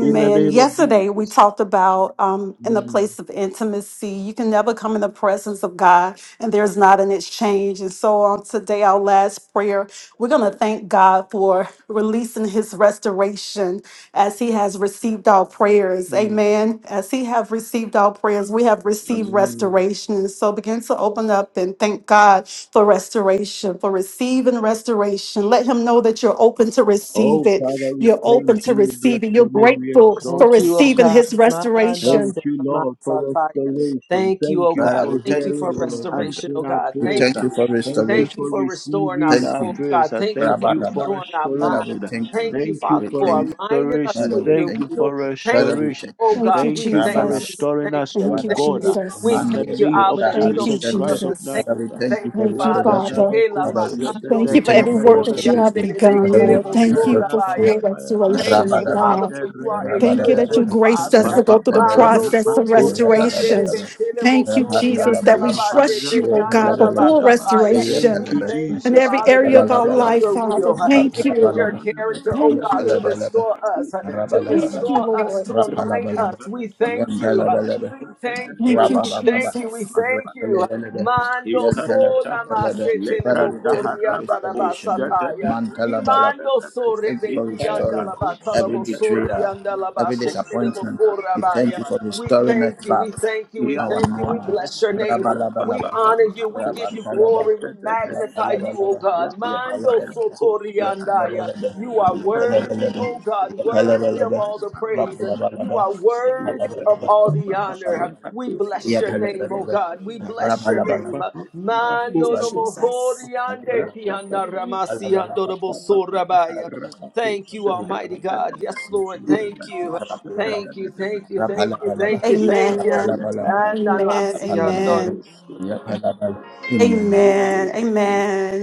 Speaker 6: in the name of
Speaker 4: Yesterday we
Speaker 6: Jesus.
Speaker 4: talked about um in the
Speaker 6: Amen.
Speaker 4: place of intimacy. You can never come in the presence of God and there's not an exchange. And so on today, our last prayer, we're gonna thank God for releasing his restoration as he has received our prayers.
Speaker 6: Mm.
Speaker 4: Amen. As he have received our prayers, we have received
Speaker 6: Amen.
Speaker 4: restoration. So begin to open up and thank God for restoration, for receiving restoration. Let him know that you're open to receive
Speaker 6: Oh,
Speaker 4: it.
Speaker 6: Father, we
Speaker 4: You're
Speaker 6: thank
Speaker 4: open to
Speaker 6: you, we bless
Speaker 4: receive it. You're
Speaker 6: your name, we
Speaker 4: grateful
Speaker 6: exalt
Speaker 4: for
Speaker 5: Thank
Speaker 6: you,
Speaker 5: you, oh
Speaker 4: receiving
Speaker 5: God.
Speaker 4: his
Speaker 6: Jesus.
Speaker 5: Manda
Speaker 6: Thank
Speaker 4: restoration.
Speaker 5: se
Speaker 6: you, Lord, for
Speaker 5: masataya.
Speaker 6: restoration.
Speaker 5: Thank you,
Speaker 6: Thank
Speaker 5: oh
Speaker 6: you
Speaker 1: Father,
Speaker 5: God.
Speaker 1: we
Speaker 6: for
Speaker 5: Thank you
Speaker 1: thank
Speaker 6: hearing
Speaker 5: for
Speaker 1: you, O
Speaker 6: and
Speaker 1: Lord Jesus.
Speaker 5: restoration, oh
Speaker 6: answering our
Speaker 5: God.
Speaker 1: We
Speaker 6: prayers.
Speaker 5: Thank
Speaker 1: thank you
Speaker 5: you.
Speaker 1: for
Speaker 6: Thank you
Speaker 5: Thank
Speaker 1: restoration.
Speaker 5: you
Speaker 6: for
Speaker 5: for restoring our
Speaker 6: receiving
Speaker 1: Thank
Speaker 6: our
Speaker 5: souls,
Speaker 1: you.
Speaker 5: God.
Speaker 6: prayers.
Speaker 5: Thank you
Speaker 6: Thank
Speaker 5: for
Speaker 1: Rabba
Speaker 6: you for
Speaker 1: Rabba.
Speaker 5: restoring our
Speaker 1: Father,
Speaker 5: minds.
Speaker 1: we
Speaker 6: restoration.
Speaker 1: thank you.
Speaker 5: Thank you,
Speaker 6: Thank you
Speaker 5: Father,
Speaker 1: We
Speaker 6: for
Speaker 5: for
Speaker 1: thank you.
Speaker 5: aligning us
Speaker 6: restoration.
Speaker 1: Father,
Speaker 5: with
Speaker 1: we
Speaker 5: your
Speaker 6: Thank
Speaker 1: thank
Speaker 6: you
Speaker 1: you.
Speaker 6: for
Speaker 5: will.
Speaker 1: Father,
Speaker 5: Thank
Speaker 1: we
Speaker 5: you,
Speaker 6: restoration.
Speaker 1: thank
Speaker 5: oh
Speaker 4: Thank
Speaker 5: God.
Speaker 4: you,
Speaker 5: We
Speaker 6: Thank you for
Speaker 5: thank
Speaker 1: you.
Speaker 5: you.
Speaker 4: Jesus.
Speaker 5: We
Speaker 6: restoring
Speaker 5: thank
Speaker 6: us,
Speaker 5: you. We
Speaker 4: Thank
Speaker 6: O
Speaker 4: you,
Speaker 7: Thank
Speaker 1: Father,
Speaker 5: thank
Speaker 7: you,
Speaker 6: God,
Speaker 5: you.
Speaker 7: Father, for
Speaker 5: We
Speaker 4: Jesus.
Speaker 6: in
Speaker 7: total
Speaker 1: Mande,
Speaker 6: the
Speaker 5: thank you,
Speaker 6: name
Speaker 5: Abba,
Speaker 6: of
Speaker 7: restoration.
Speaker 1: Luka,
Speaker 5: that you
Speaker 4: Thank
Speaker 1: Halu,
Speaker 4: you,
Speaker 5: don't
Speaker 6: Jesus
Speaker 5: leave
Speaker 1: Center.
Speaker 5: us
Speaker 6: Christ of
Speaker 5: the
Speaker 7: Thank you,
Speaker 5: same.
Speaker 4: Jesus.
Speaker 1: Father,
Speaker 7: Abba
Speaker 1: we
Speaker 6: Nazareth.
Speaker 5: We
Speaker 1: thank
Speaker 7: Father,
Speaker 5: Thank
Speaker 1: you for
Speaker 5: you,
Speaker 4: Thank you,
Speaker 5: Father.
Speaker 6: Thank
Speaker 1: restoration.
Speaker 4: Father.
Speaker 7: for
Speaker 5: Hela
Speaker 1: Father,
Speaker 7: total
Speaker 1: we
Speaker 5: makando
Speaker 4: Thank
Speaker 1: we
Speaker 4: you for
Speaker 7: restoration.
Speaker 5: robo
Speaker 4: every
Speaker 1: thank you for
Speaker 4: work
Speaker 5: sori
Speaker 4: that you have
Speaker 5: ande
Speaker 1: restoration.
Speaker 5: de
Speaker 7: Thank
Speaker 4: begun,
Speaker 1: Father,
Speaker 7: you,
Speaker 1: we
Speaker 5: bekere
Speaker 7: O
Speaker 4: Lord.
Speaker 5: bo
Speaker 7: Lord,
Speaker 1: thank
Speaker 4: Thank
Speaker 1: you for
Speaker 4: you for
Speaker 5: sorabaya.
Speaker 4: free
Speaker 1: restoration.
Speaker 4: restoration,
Speaker 5: Thank you,
Speaker 4: Lord
Speaker 1: Rabadaba,
Speaker 5: Father,
Speaker 4: God.
Speaker 5: for you are a
Speaker 7: for
Speaker 4: Thank you
Speaker 5: good,
Speaker 4: that you
Speaker 5: good
Speaker 1: Rabadabadaba,
Speaker 4: graced
Speaker 7: restoration.
Speaker 5: Father.
Speaker 4: us to go through the
Speaker 1: Rabadabadaba,
Speaker 5: Mando
Speaker 4: process of
Speaker 7: Thank
Speaker 5: soto
Speaker 7: you, Abba
Speaker 5: de
Speaker 4: restoration.
Speaker 1: Rabadabadaba,
Speaker 5: bekele
Speaker 4: Thank you,
Speaker 5: bosuri
Speaker 7: Father.
Speaker 4: Jesus, that we
Speaker 5: la base
Speaker 4: trust you,
Speaker 5: teke
Speaker 4: oh God, for
Speaker 5: la
Speaker 1: Rabadabadaba,
Speaker 4: full
Speaker 5: basataya. We
Speaker 4: restoration
Speaker 6: you,
Speaker 5: thank
Speaker 1: Rabadabadaba,
Speaker 5: you,
Speaker 4: in
Speaker 6: Jesus.
Speaker 4: every
Speaker 5: Father, that
Speaker 4: area of
Speaker 5: it
Speaker 4: our
Speaker 5: is
Speaker 1: Rabadabadaba,
Speaker 4: life,
Speaker 5: your
Speaker 4: Father.
Speaker 5: will.
Speaker 4: Thank
Speaker 5: It is
Speaker 4: you.
Speaker 5: your
Speaker 1: Rabadabadaba,
Speaker 5: character,
Speaker 1: Rapalabalaba,
Speaker 5: oh
Speaker 4: Thank
Speaker 5: God, to
Speaker 4: you.
Speaker 1: Yapalabalaba,
Speaker 5: restore us, to
Speaker 7: Thank you,
Speaker 4: Thank you,
Speaker 1: Rabalabalaba,
Speaker 5: restore
Speaker 7: Abba,
Speaker 5: us,
Speaker 4: Lord.
Speaker 5: to align
Speaker 1: Rapalabalaba,
Speaker 5: us. We
Speaker 7: King of
Speaker 5: thank you.
Speaker 7: Kings.
Speaker 1: Yantalabalaba,
Speaker 5: We thank you.
Speaker 4: Thank you,
Speaker 5: We
Speaker 1: Rabababa.
Speaker 5: thank you. We
Speaker 4: Jesus.
Speaker 5: thank you.
Speaker 1: Repelebelebe.
Speaker 5: Mando
Speaker 7: Thank
Speaker 5: so
Speaker 7: you,
Speaker 6: Ikatataha,
Speaker 7: Lord of
Speaker 1: Yentelebelebelebe.
Speaker 5: namasete le
Speaker 7: Lords.
Speaker 1: Father, we thank
Speaker 6: Lebrantaha
Speaker 1: you
Speaker 5: bokuri
Speaker 1: for
Speaker 5: la
Speaker 6: Rabako
Speaker 7: Thank you, O
Speaker 1: restoration.
Speaker 6: Shatataha,
Speaker 7: Lord,
Speaker 5: basataya.
Speaker 1: Mantalabalaba.
Speaker 5: Imando
Speaker 1: We
Speaker 7: for
Speaker 1: thank you for
Speaker 7: total
Speaker 5: we
Speaker 1: restoring
Speaker 6: Ikayabako
Speaker 7: restoration.
Speaker 1: every
Speaker 6: Shatataha,
Speaker 1: betrayal,
Speaker 7: Thank
Speaker 1: every
Speaker 6: Rabako
Speaker 7: you, O
Speaker 1: disappointment. We thank you for
Speaker 6: Shatataha,
Speaker 1: restoring us
Speaker 5: thank you,
Speaker 1: back
Speaker 5: we thank you,
Speaker 1: to
Speaker 5: we
Speaker 7: Lord.
Speaker 1: our
Speaker 5: thank you, we
Speaker 1: normal.
Speaker 6: Yantahalama,
Speaker 5: bless your name. We
Speaker 1: Rabalabalaba.
Speaker 5: honor you, we give you
Speaker 6: Rababababakosha,
Speaker 7: Urubakariyata,
Speaker 1: Rabantalaba.
Speaker 5: glory, we magnify
Speaker 6: da-da-da-da-da-da,
Speaker 5: you, O
Speaker 1: Rabalabalaba.
Speaker 5: God.
Speaker 7: Urukabayata,
Speaker 5: Mando
Speaker 1: Yepalabalaba.
Speaker 6: Rababababakosha, da-da-ha,
Speaker 5: sotoriandaya.
Speaker 1: Yepalabalaba.
Speaker 5: You are
Speaker 7: urukabayata.
Speaker 5: worthy,
Speaker 1: Yepalabalaba.
Speaker 5: O
Speaker 6: Rebebebekosha,
Speaker 5: God,
Speaker 7: You are
Speaker 6: da-ha,
Speaker 5: worthy
Speaker 7: worthy
Speaker 5: of
Speaker 1: Yepalabalaba.
Speaker 7: of
Speaker 5: all
Speaker 7: his
Speaker 5: the praise.
Speaker 7: praise.
Speaker 5: You
Speaker 1: Rabalabalaba.
Speaker 5: are
Speaker 6: Rababababababababa,
Speaker 7: You are
Speaker 5: worthy of
Speaker 7: worthy.
Speaker 1: Yepalabalaba.
Speaker 5: all the
Speaker 6: Lekabababaha,
Speaker 5: honor. We
Speaker 7: You are
Speaker 5: bless
Speaker 1: Yeah,
Speaker 5: your
Speaker 7: worthy
Speaker 5: name,
Speaker 7: of
Speaker 5: O
Speaker 1: Palabala,
Speaker 7: his
Speaker 5: God. We
Speaker 7: praise.
Speaker 5: bless your
Speaker 1: Rabalabala,
Speaker 5: name.
Speaker 7: You are
Speaker 5: Mando no
Speaker 1: Palabala,
Speaker 7: worthy.
Speaker 5: mohoriande
Speaker 1: Palabala,
Speaker 7: You
Speaker 5: kianda
Speaker 7: are
Speaker 5: ramasi
Speaker 7: worthy of
Speaker 1: Palabala,
Speaker 6: in
Speaker 7: his
Speaker 6: the
Speaker 7: praise.
Speaker 5: andorabo Thank you,
Speaker 7: You are
Speaker 1: Palabala,
Speaker 5: Almighty God. Yes,
Speaker 7: worthy.
Speaker 5: Lord.
Speaker 2: you.
Speaker 5: Thank you. Thank
Speaker 1: Rapalabalaba,
Speaker 5: you. Thank you. Thank you.
Speaker 1: Rapalabalaba,
Speaker 5: Thank you. Thank you. And I know I see you,
Speaker 7: Thank
Speaker 5: Lord.
Speaker 1: Rapalabalaba,
Speaker 7: you,
Speaker 1: yeah,
Speaker 7: Abba.
Speaker 1: Palabala.
Speaker 7: Thank you,
Speaker 1: Amen.
Speaker 7: Jesus.
Speaker 6: name of
Speaker 7: Amen.
Speaker 6: Jesus.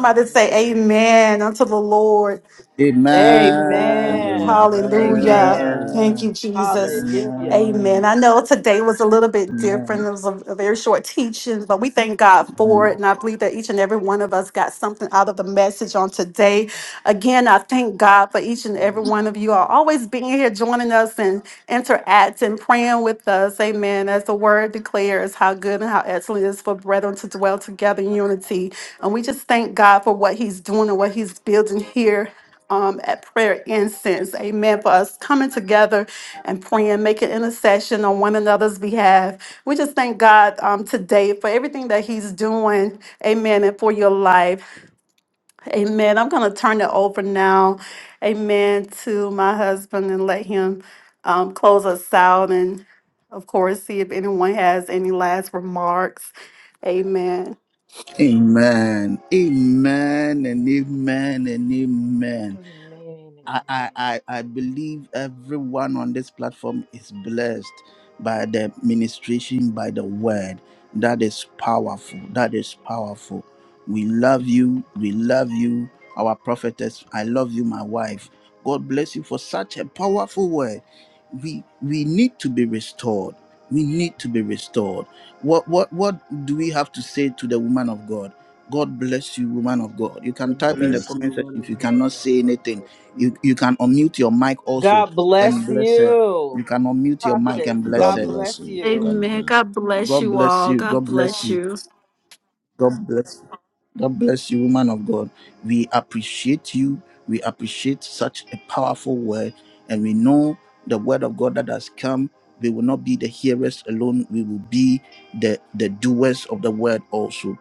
Speaker 7: Amen.
Speaker 6: Amen.
Speaker 7: Amen. Amen.
Speaker 1: Amen.
Speaker 7: Amen.
Speaker 5: Amen.
Speaker 2: Amen. Amen.
Speaker 6: Amen.
Speaker 5: Amen.
Speaker 7: Amen.
Speaker 1: Amen. Amen.
Speaker 8: Amen.
Speaker 6: Amen.
Speaker 5: Hallelujah.
Speaker 1: Amen.
Speaker 7: Amen. Amen.
Speaker 1: Amen.
Speaker 4: very short teachings, but we thank God for
Speaker 1: Amen.
Speaker 4: it. And I believe that each and every one of us got something out of the message on today. Again, I thank God for each and every
Speaker 6: Mm.
Speaker 4: one of you all always being here, joining us and interacting, praying with us. Amen. As the word declares, how good and how excellent it is for brethren to dwell together in unity. And we just thank God for what He's doing and what He's building here um, at prayer incense. Amen. For us coming together and praying, making intercession on one another's behalf. We just thank God um, today for everything that He's doing. Amen. And for your life. Amen. I'm going to turn it over now. Amen. To my husband and let him um, close us out. And of course, see if anyone has any last remarks. Amen.
Speaker 1: Amen and amen and amen. I, I, I I believe everyone on this platform is blessed by the ministration, by the word. That is powerful. That is powerful. We love you. We love you, our prophetess. I love you, my wife. God bless you for such a powerful word. We we need to be restored. We need to be restored. What what what do we have to say to the woman of God? God bless you, woman of God. You can
Speaker 6: God
Speaker 2: God
Speaker 1: type in the
Speaker 6: bless
Speaker 2: bless
Speaker 6: you,
Speaker 1: comment
Speaker 2: you.
Speaker 6: man
Speaker 1: section if
Speaker 6: of
Speaker 1: you
Speaker 6: God.
Speaker 1: cannot say
Speaker 6: God
Speaker 1: anything
Speaker 6: bless
Speaker 1: you
Speaker 6: you.
Speaker 1: you can unmute your mic also
Speaker 5: God
Speaker 1: and
Speaker 5: bless
Speaker 1: bless her. You
Speaker 5: you.
Speaker 1: can unmute your mic
Speaker 5: Prophetess,
Speaker 1: and bless
Speaker 2: God
Speaker 5: God
Speaker 1: her.
Speaker 2: bless
Speaker 5: bless
Speaker 2: you.
Speaker 5: you.
Speaker 2: God bless you.
Speaker 1: God bless you. God bless you. God bless you. God bless you, woman of God. We appreciate you. We appreciate such a powerful word. And we know the word of God that has come. We will not be the hearers alone. We will be the, the doers of the word also.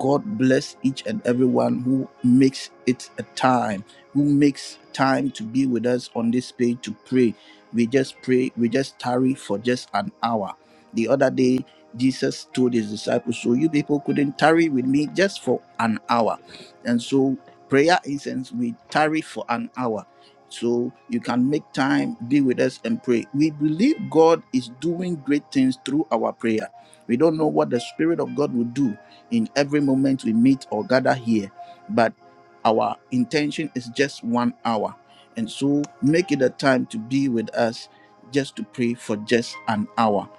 Speaker 1: God bless each and everyone who makes it a time, who makes time to be with us on this page to pray. We just pray, we just tarry for just an hour. The other day, Jesus told his disciples, So you people couldn't tarry with me just for an hour. And so, prayer incense, we tarry for an hour. So you can make time, be with us, and pray. We believe God is doing great things through our prayer. We don't know what the Spirit of God will do in every moment we meet or gather here, but our intention is just one hour. And so make it a time to be with us just to pray for just an hour.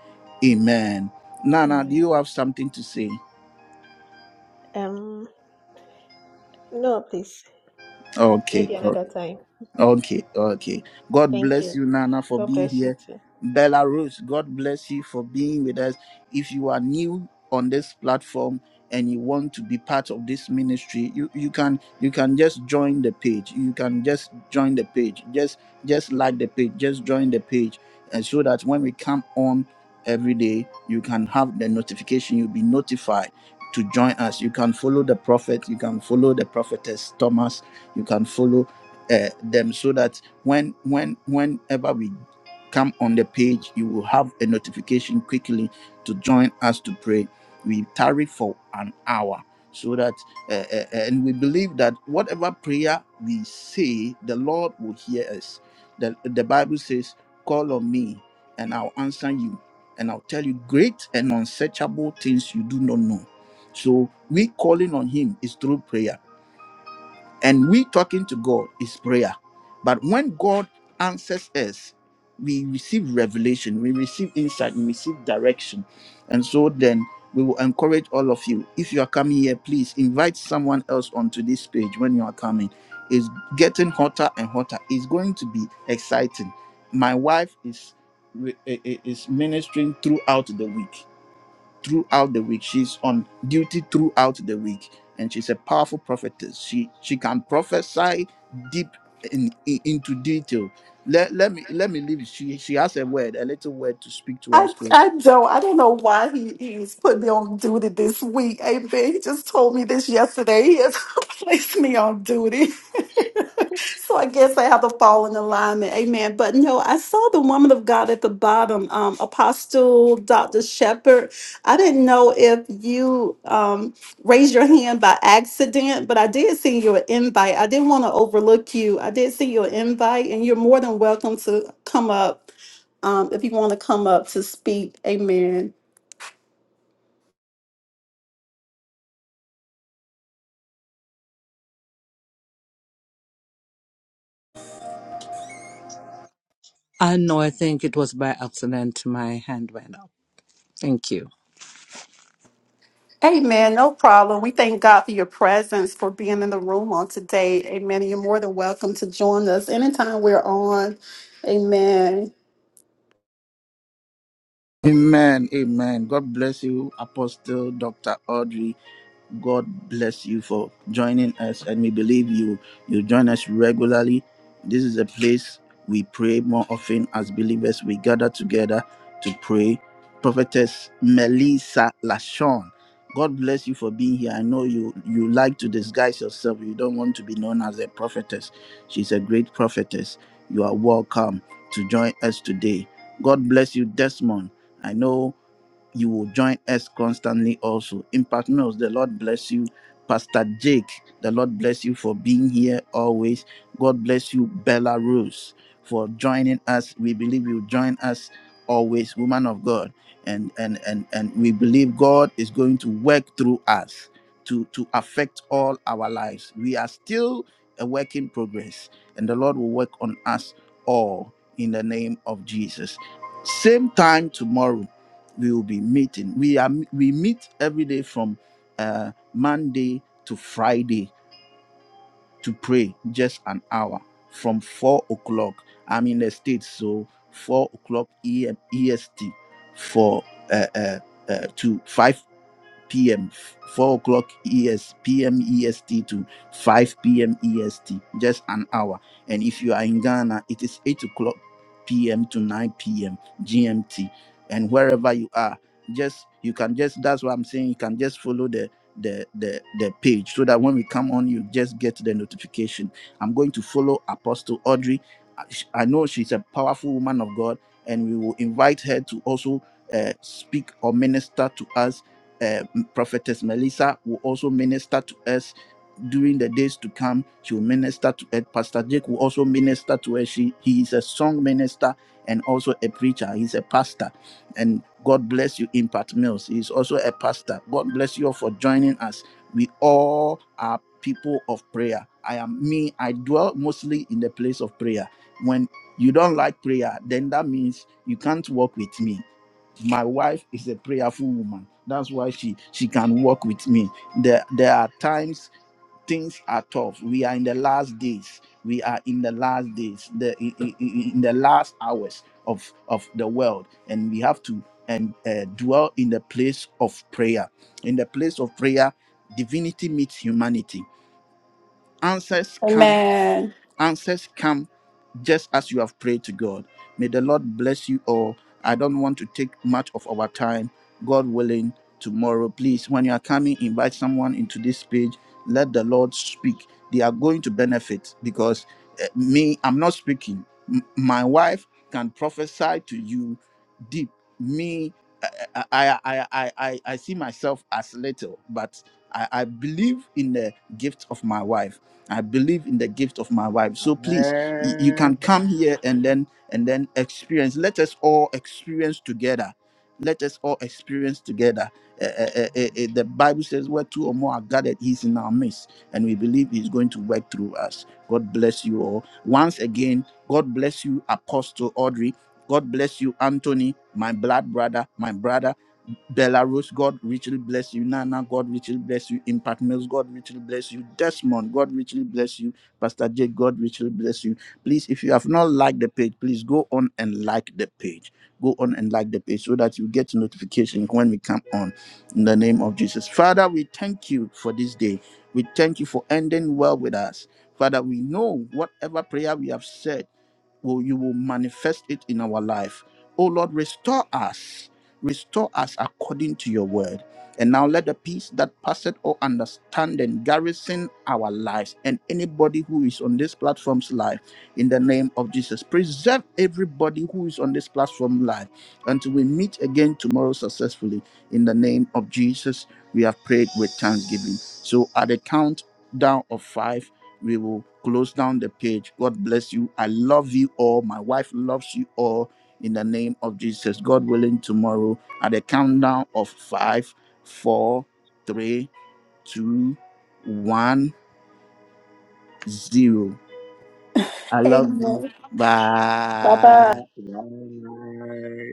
Speaker 1: Amen. Nana, do
Speaker 8: Amen.
Speaker 1: you have something to say?
Speaker 8: Um, no, please.
Speaker 1: Okay.
Speaker 8: Maybe
Speaker 1: okay.
Speaker 8: another time.
Speaker 1: Okay, okay. God
Speaker 8: Thank
Speaker 1: bless
Speaker 8: you.
Speaker 1: you, Nana, for
Speaker 8: God
Speaker 1: being
Speaker 8: bless you
Speaker 1: here.
Speaker 8: too.
Speaker 1: Belarus, God bless you for being with us. If you are new on this platform and you want to be part of this ministry, you, you can you can just join the page. You can just join the page. Just just like the page. Just join the page, and so that when we come on every day, you can have the notification. You'll be notified to join us. You can follow the prophet. You can follow the prophetess Thomas. You can follow uh, them so that when when whenever we come on the page you will have a notification quickly to join us to pray we tarry for an hour so that uh, uh, and we believe that whatever prayer we say the lord will hear us the, the bible says call on me and i'll answer you and i'll tell you great and unsearchable things you do not know so we calling on him is through prayer and we talking to God is prayer. But when God answers us, we receive revelation, we receive insight, we receive direction. And so then we will encourage all of you. If you are coming here, please invite someone else onto this page when you are coming. It's getting hotter and hotter. It's going to be exciting. My wife is is ministering throughout the week throughout the week. She's on duty throughout the week, and she's a powerful prophetess. She she can prophesy deep in, in- into detail. Let, let me let me leave. She she has a word, a little word to speak to
Speaker 4: I,
Speaker 1: us. So,
Speaker 4: I don't. I don't know why he, he's put me on duty this week. Amen. He just told me this yesterday. He has placed me on duty. so I guess I have to fall in alignment. Amen. But no, I saw the woman of God at the bottom, um, Apostle Dr. Shepherd. I didn't know if you um, raised your hand by accident, but I did send you an invite. I didn't want to overlook you. I did send you an invite, and you're more than welcome to come up um, if you want to come up to speak. Amen.
Speaker 9: Uh, no, I think it was by accident my hand went up. Thank you.
Speaker 4: Amen. No problem. We thank God for your presence, for being in the room on today. Amen. And You're more than welcome to join us anytime we're on. Amen.
Speaker 1: amen, amen. God bless you, Apostle Doctor Audrey. God bless you for joining us, and we believe you you join us regularly. This is a place we pray more often as believers. We gather together to pray. Prophetess Melissa Lashon, God bless you for being here. I know you you like to disguise yourself. You don't want to be known as a prophetess. She's a great prophetess. You are welcome to join us today. God bless you, Desmond. I know you will join us constantly also. Impact Mills, the Lord bless you. Pastor Jake, the Lord bless you for being here always. God bless you, Bella Rose, for joining us. We believe you join us always, woman of God. And and and and we believe God is going to work through us to, to affect all our lives. We are still a work in progress, and the Lord will work on us all in the name of Jesus. Same time tomorrow we will be meeting. We are we meet every day from uh, Monday to Friday to pray just an hour from four o'clock. I'm in the states, so four o'clock E M E S T for uh, uh, uh, to 5 p.m. 4 o'clock ES, EST to 5 p.m. EST, just an hour. And if you are in Ghana, it is 8 o'clock p.m. to 9 p.m. GMT. And wherever you are, just you can just that's what I'm saying. You can just follow the the the the page so that when we come on, you just get the notification. I'm going to follow Apostle Audrey. I I know she's a powerful woman of God, and we will invite her to also uh, speak or minister to us uh, and Prophetess Melissa will also minister to us during the days to come. She will minister to us. Pastor Jake will also minister to us. She, he is a song minister and also a preacher. He's a pastor. And God bless you, Impact Mills. He's also a pastor. God bless you all for joining us. We all are people of prayer. I am me. I dwell mostly in the place of prayer. When you don't like prayer, then that means you can't walk with me my wife is a prayerful woman that's why she she can walk with me there there are times things are tough we are in the last days we are in the last days the in, in- in the last hours of of the world and we have to and uh, dwell in the place of prayer in the place of prayer divinity meets humanity answers come
Speaker 4: Amen.
Speaker 1: answers come just as you have prayed to God. May the Lord bless you all. I don't want to take much of our time. God willing, tomorrow, please, when you are coming, invite someone into this page. Let the Lord speak. They are going to benefit because eh, me, I'm not speaking. M- my wife can prophesy to you deep. Me, I, I, I, I, I I see myself as little, but I, I believe in the gift of my wife I believe in the gift of my wife. So please, y- you
Speaker 6: Amen.
Speaker 1: can come here and then and then experience. Let us all experience together. Let us all experience together. Eh, eh, eh, eh, eh, the Bible says, "Where two or more are gathered, He's in our midst," and we believe He's going to work through us. God bless you all. Once again, God bless you, Apostle Audrey. God bless you, Anthony, my blood brother, my brother. Belarus, God richly bless you. Nana, God richly bless you. Impact Mills, God richly bless you. Desmond, God richly bless you. Pastor Jake, God richly bless you. Please, if you have not liked the page, please go on and like the page. Go on and like the page so that you get notification when we come on. In the name of Jesus. Father, we thank you for this day. We thank you for ending well with us. Father, we know whatever prayer we have said, will you will manifest it in our life. Oh Lord, restore us Restore us according to your word. And now let the peace that passeth all understanding garrison our lives and anybody who is on this platform's life in the name of Jesus. Preserve everybody who is on this platform live until we meet again tomorrow successfully. In the name of Jesus, we have prayed with thanksgiving. So at the countdown of five, we will close down the page. God bless you. I love you all. My wife loves you all in the name of Jesus. God willing, tomorrow at a countdown of five, four, three, two, one, zero. I love you.
Speaker 6: Bye
Speaker 1: Bye.
Speaker 6: bye.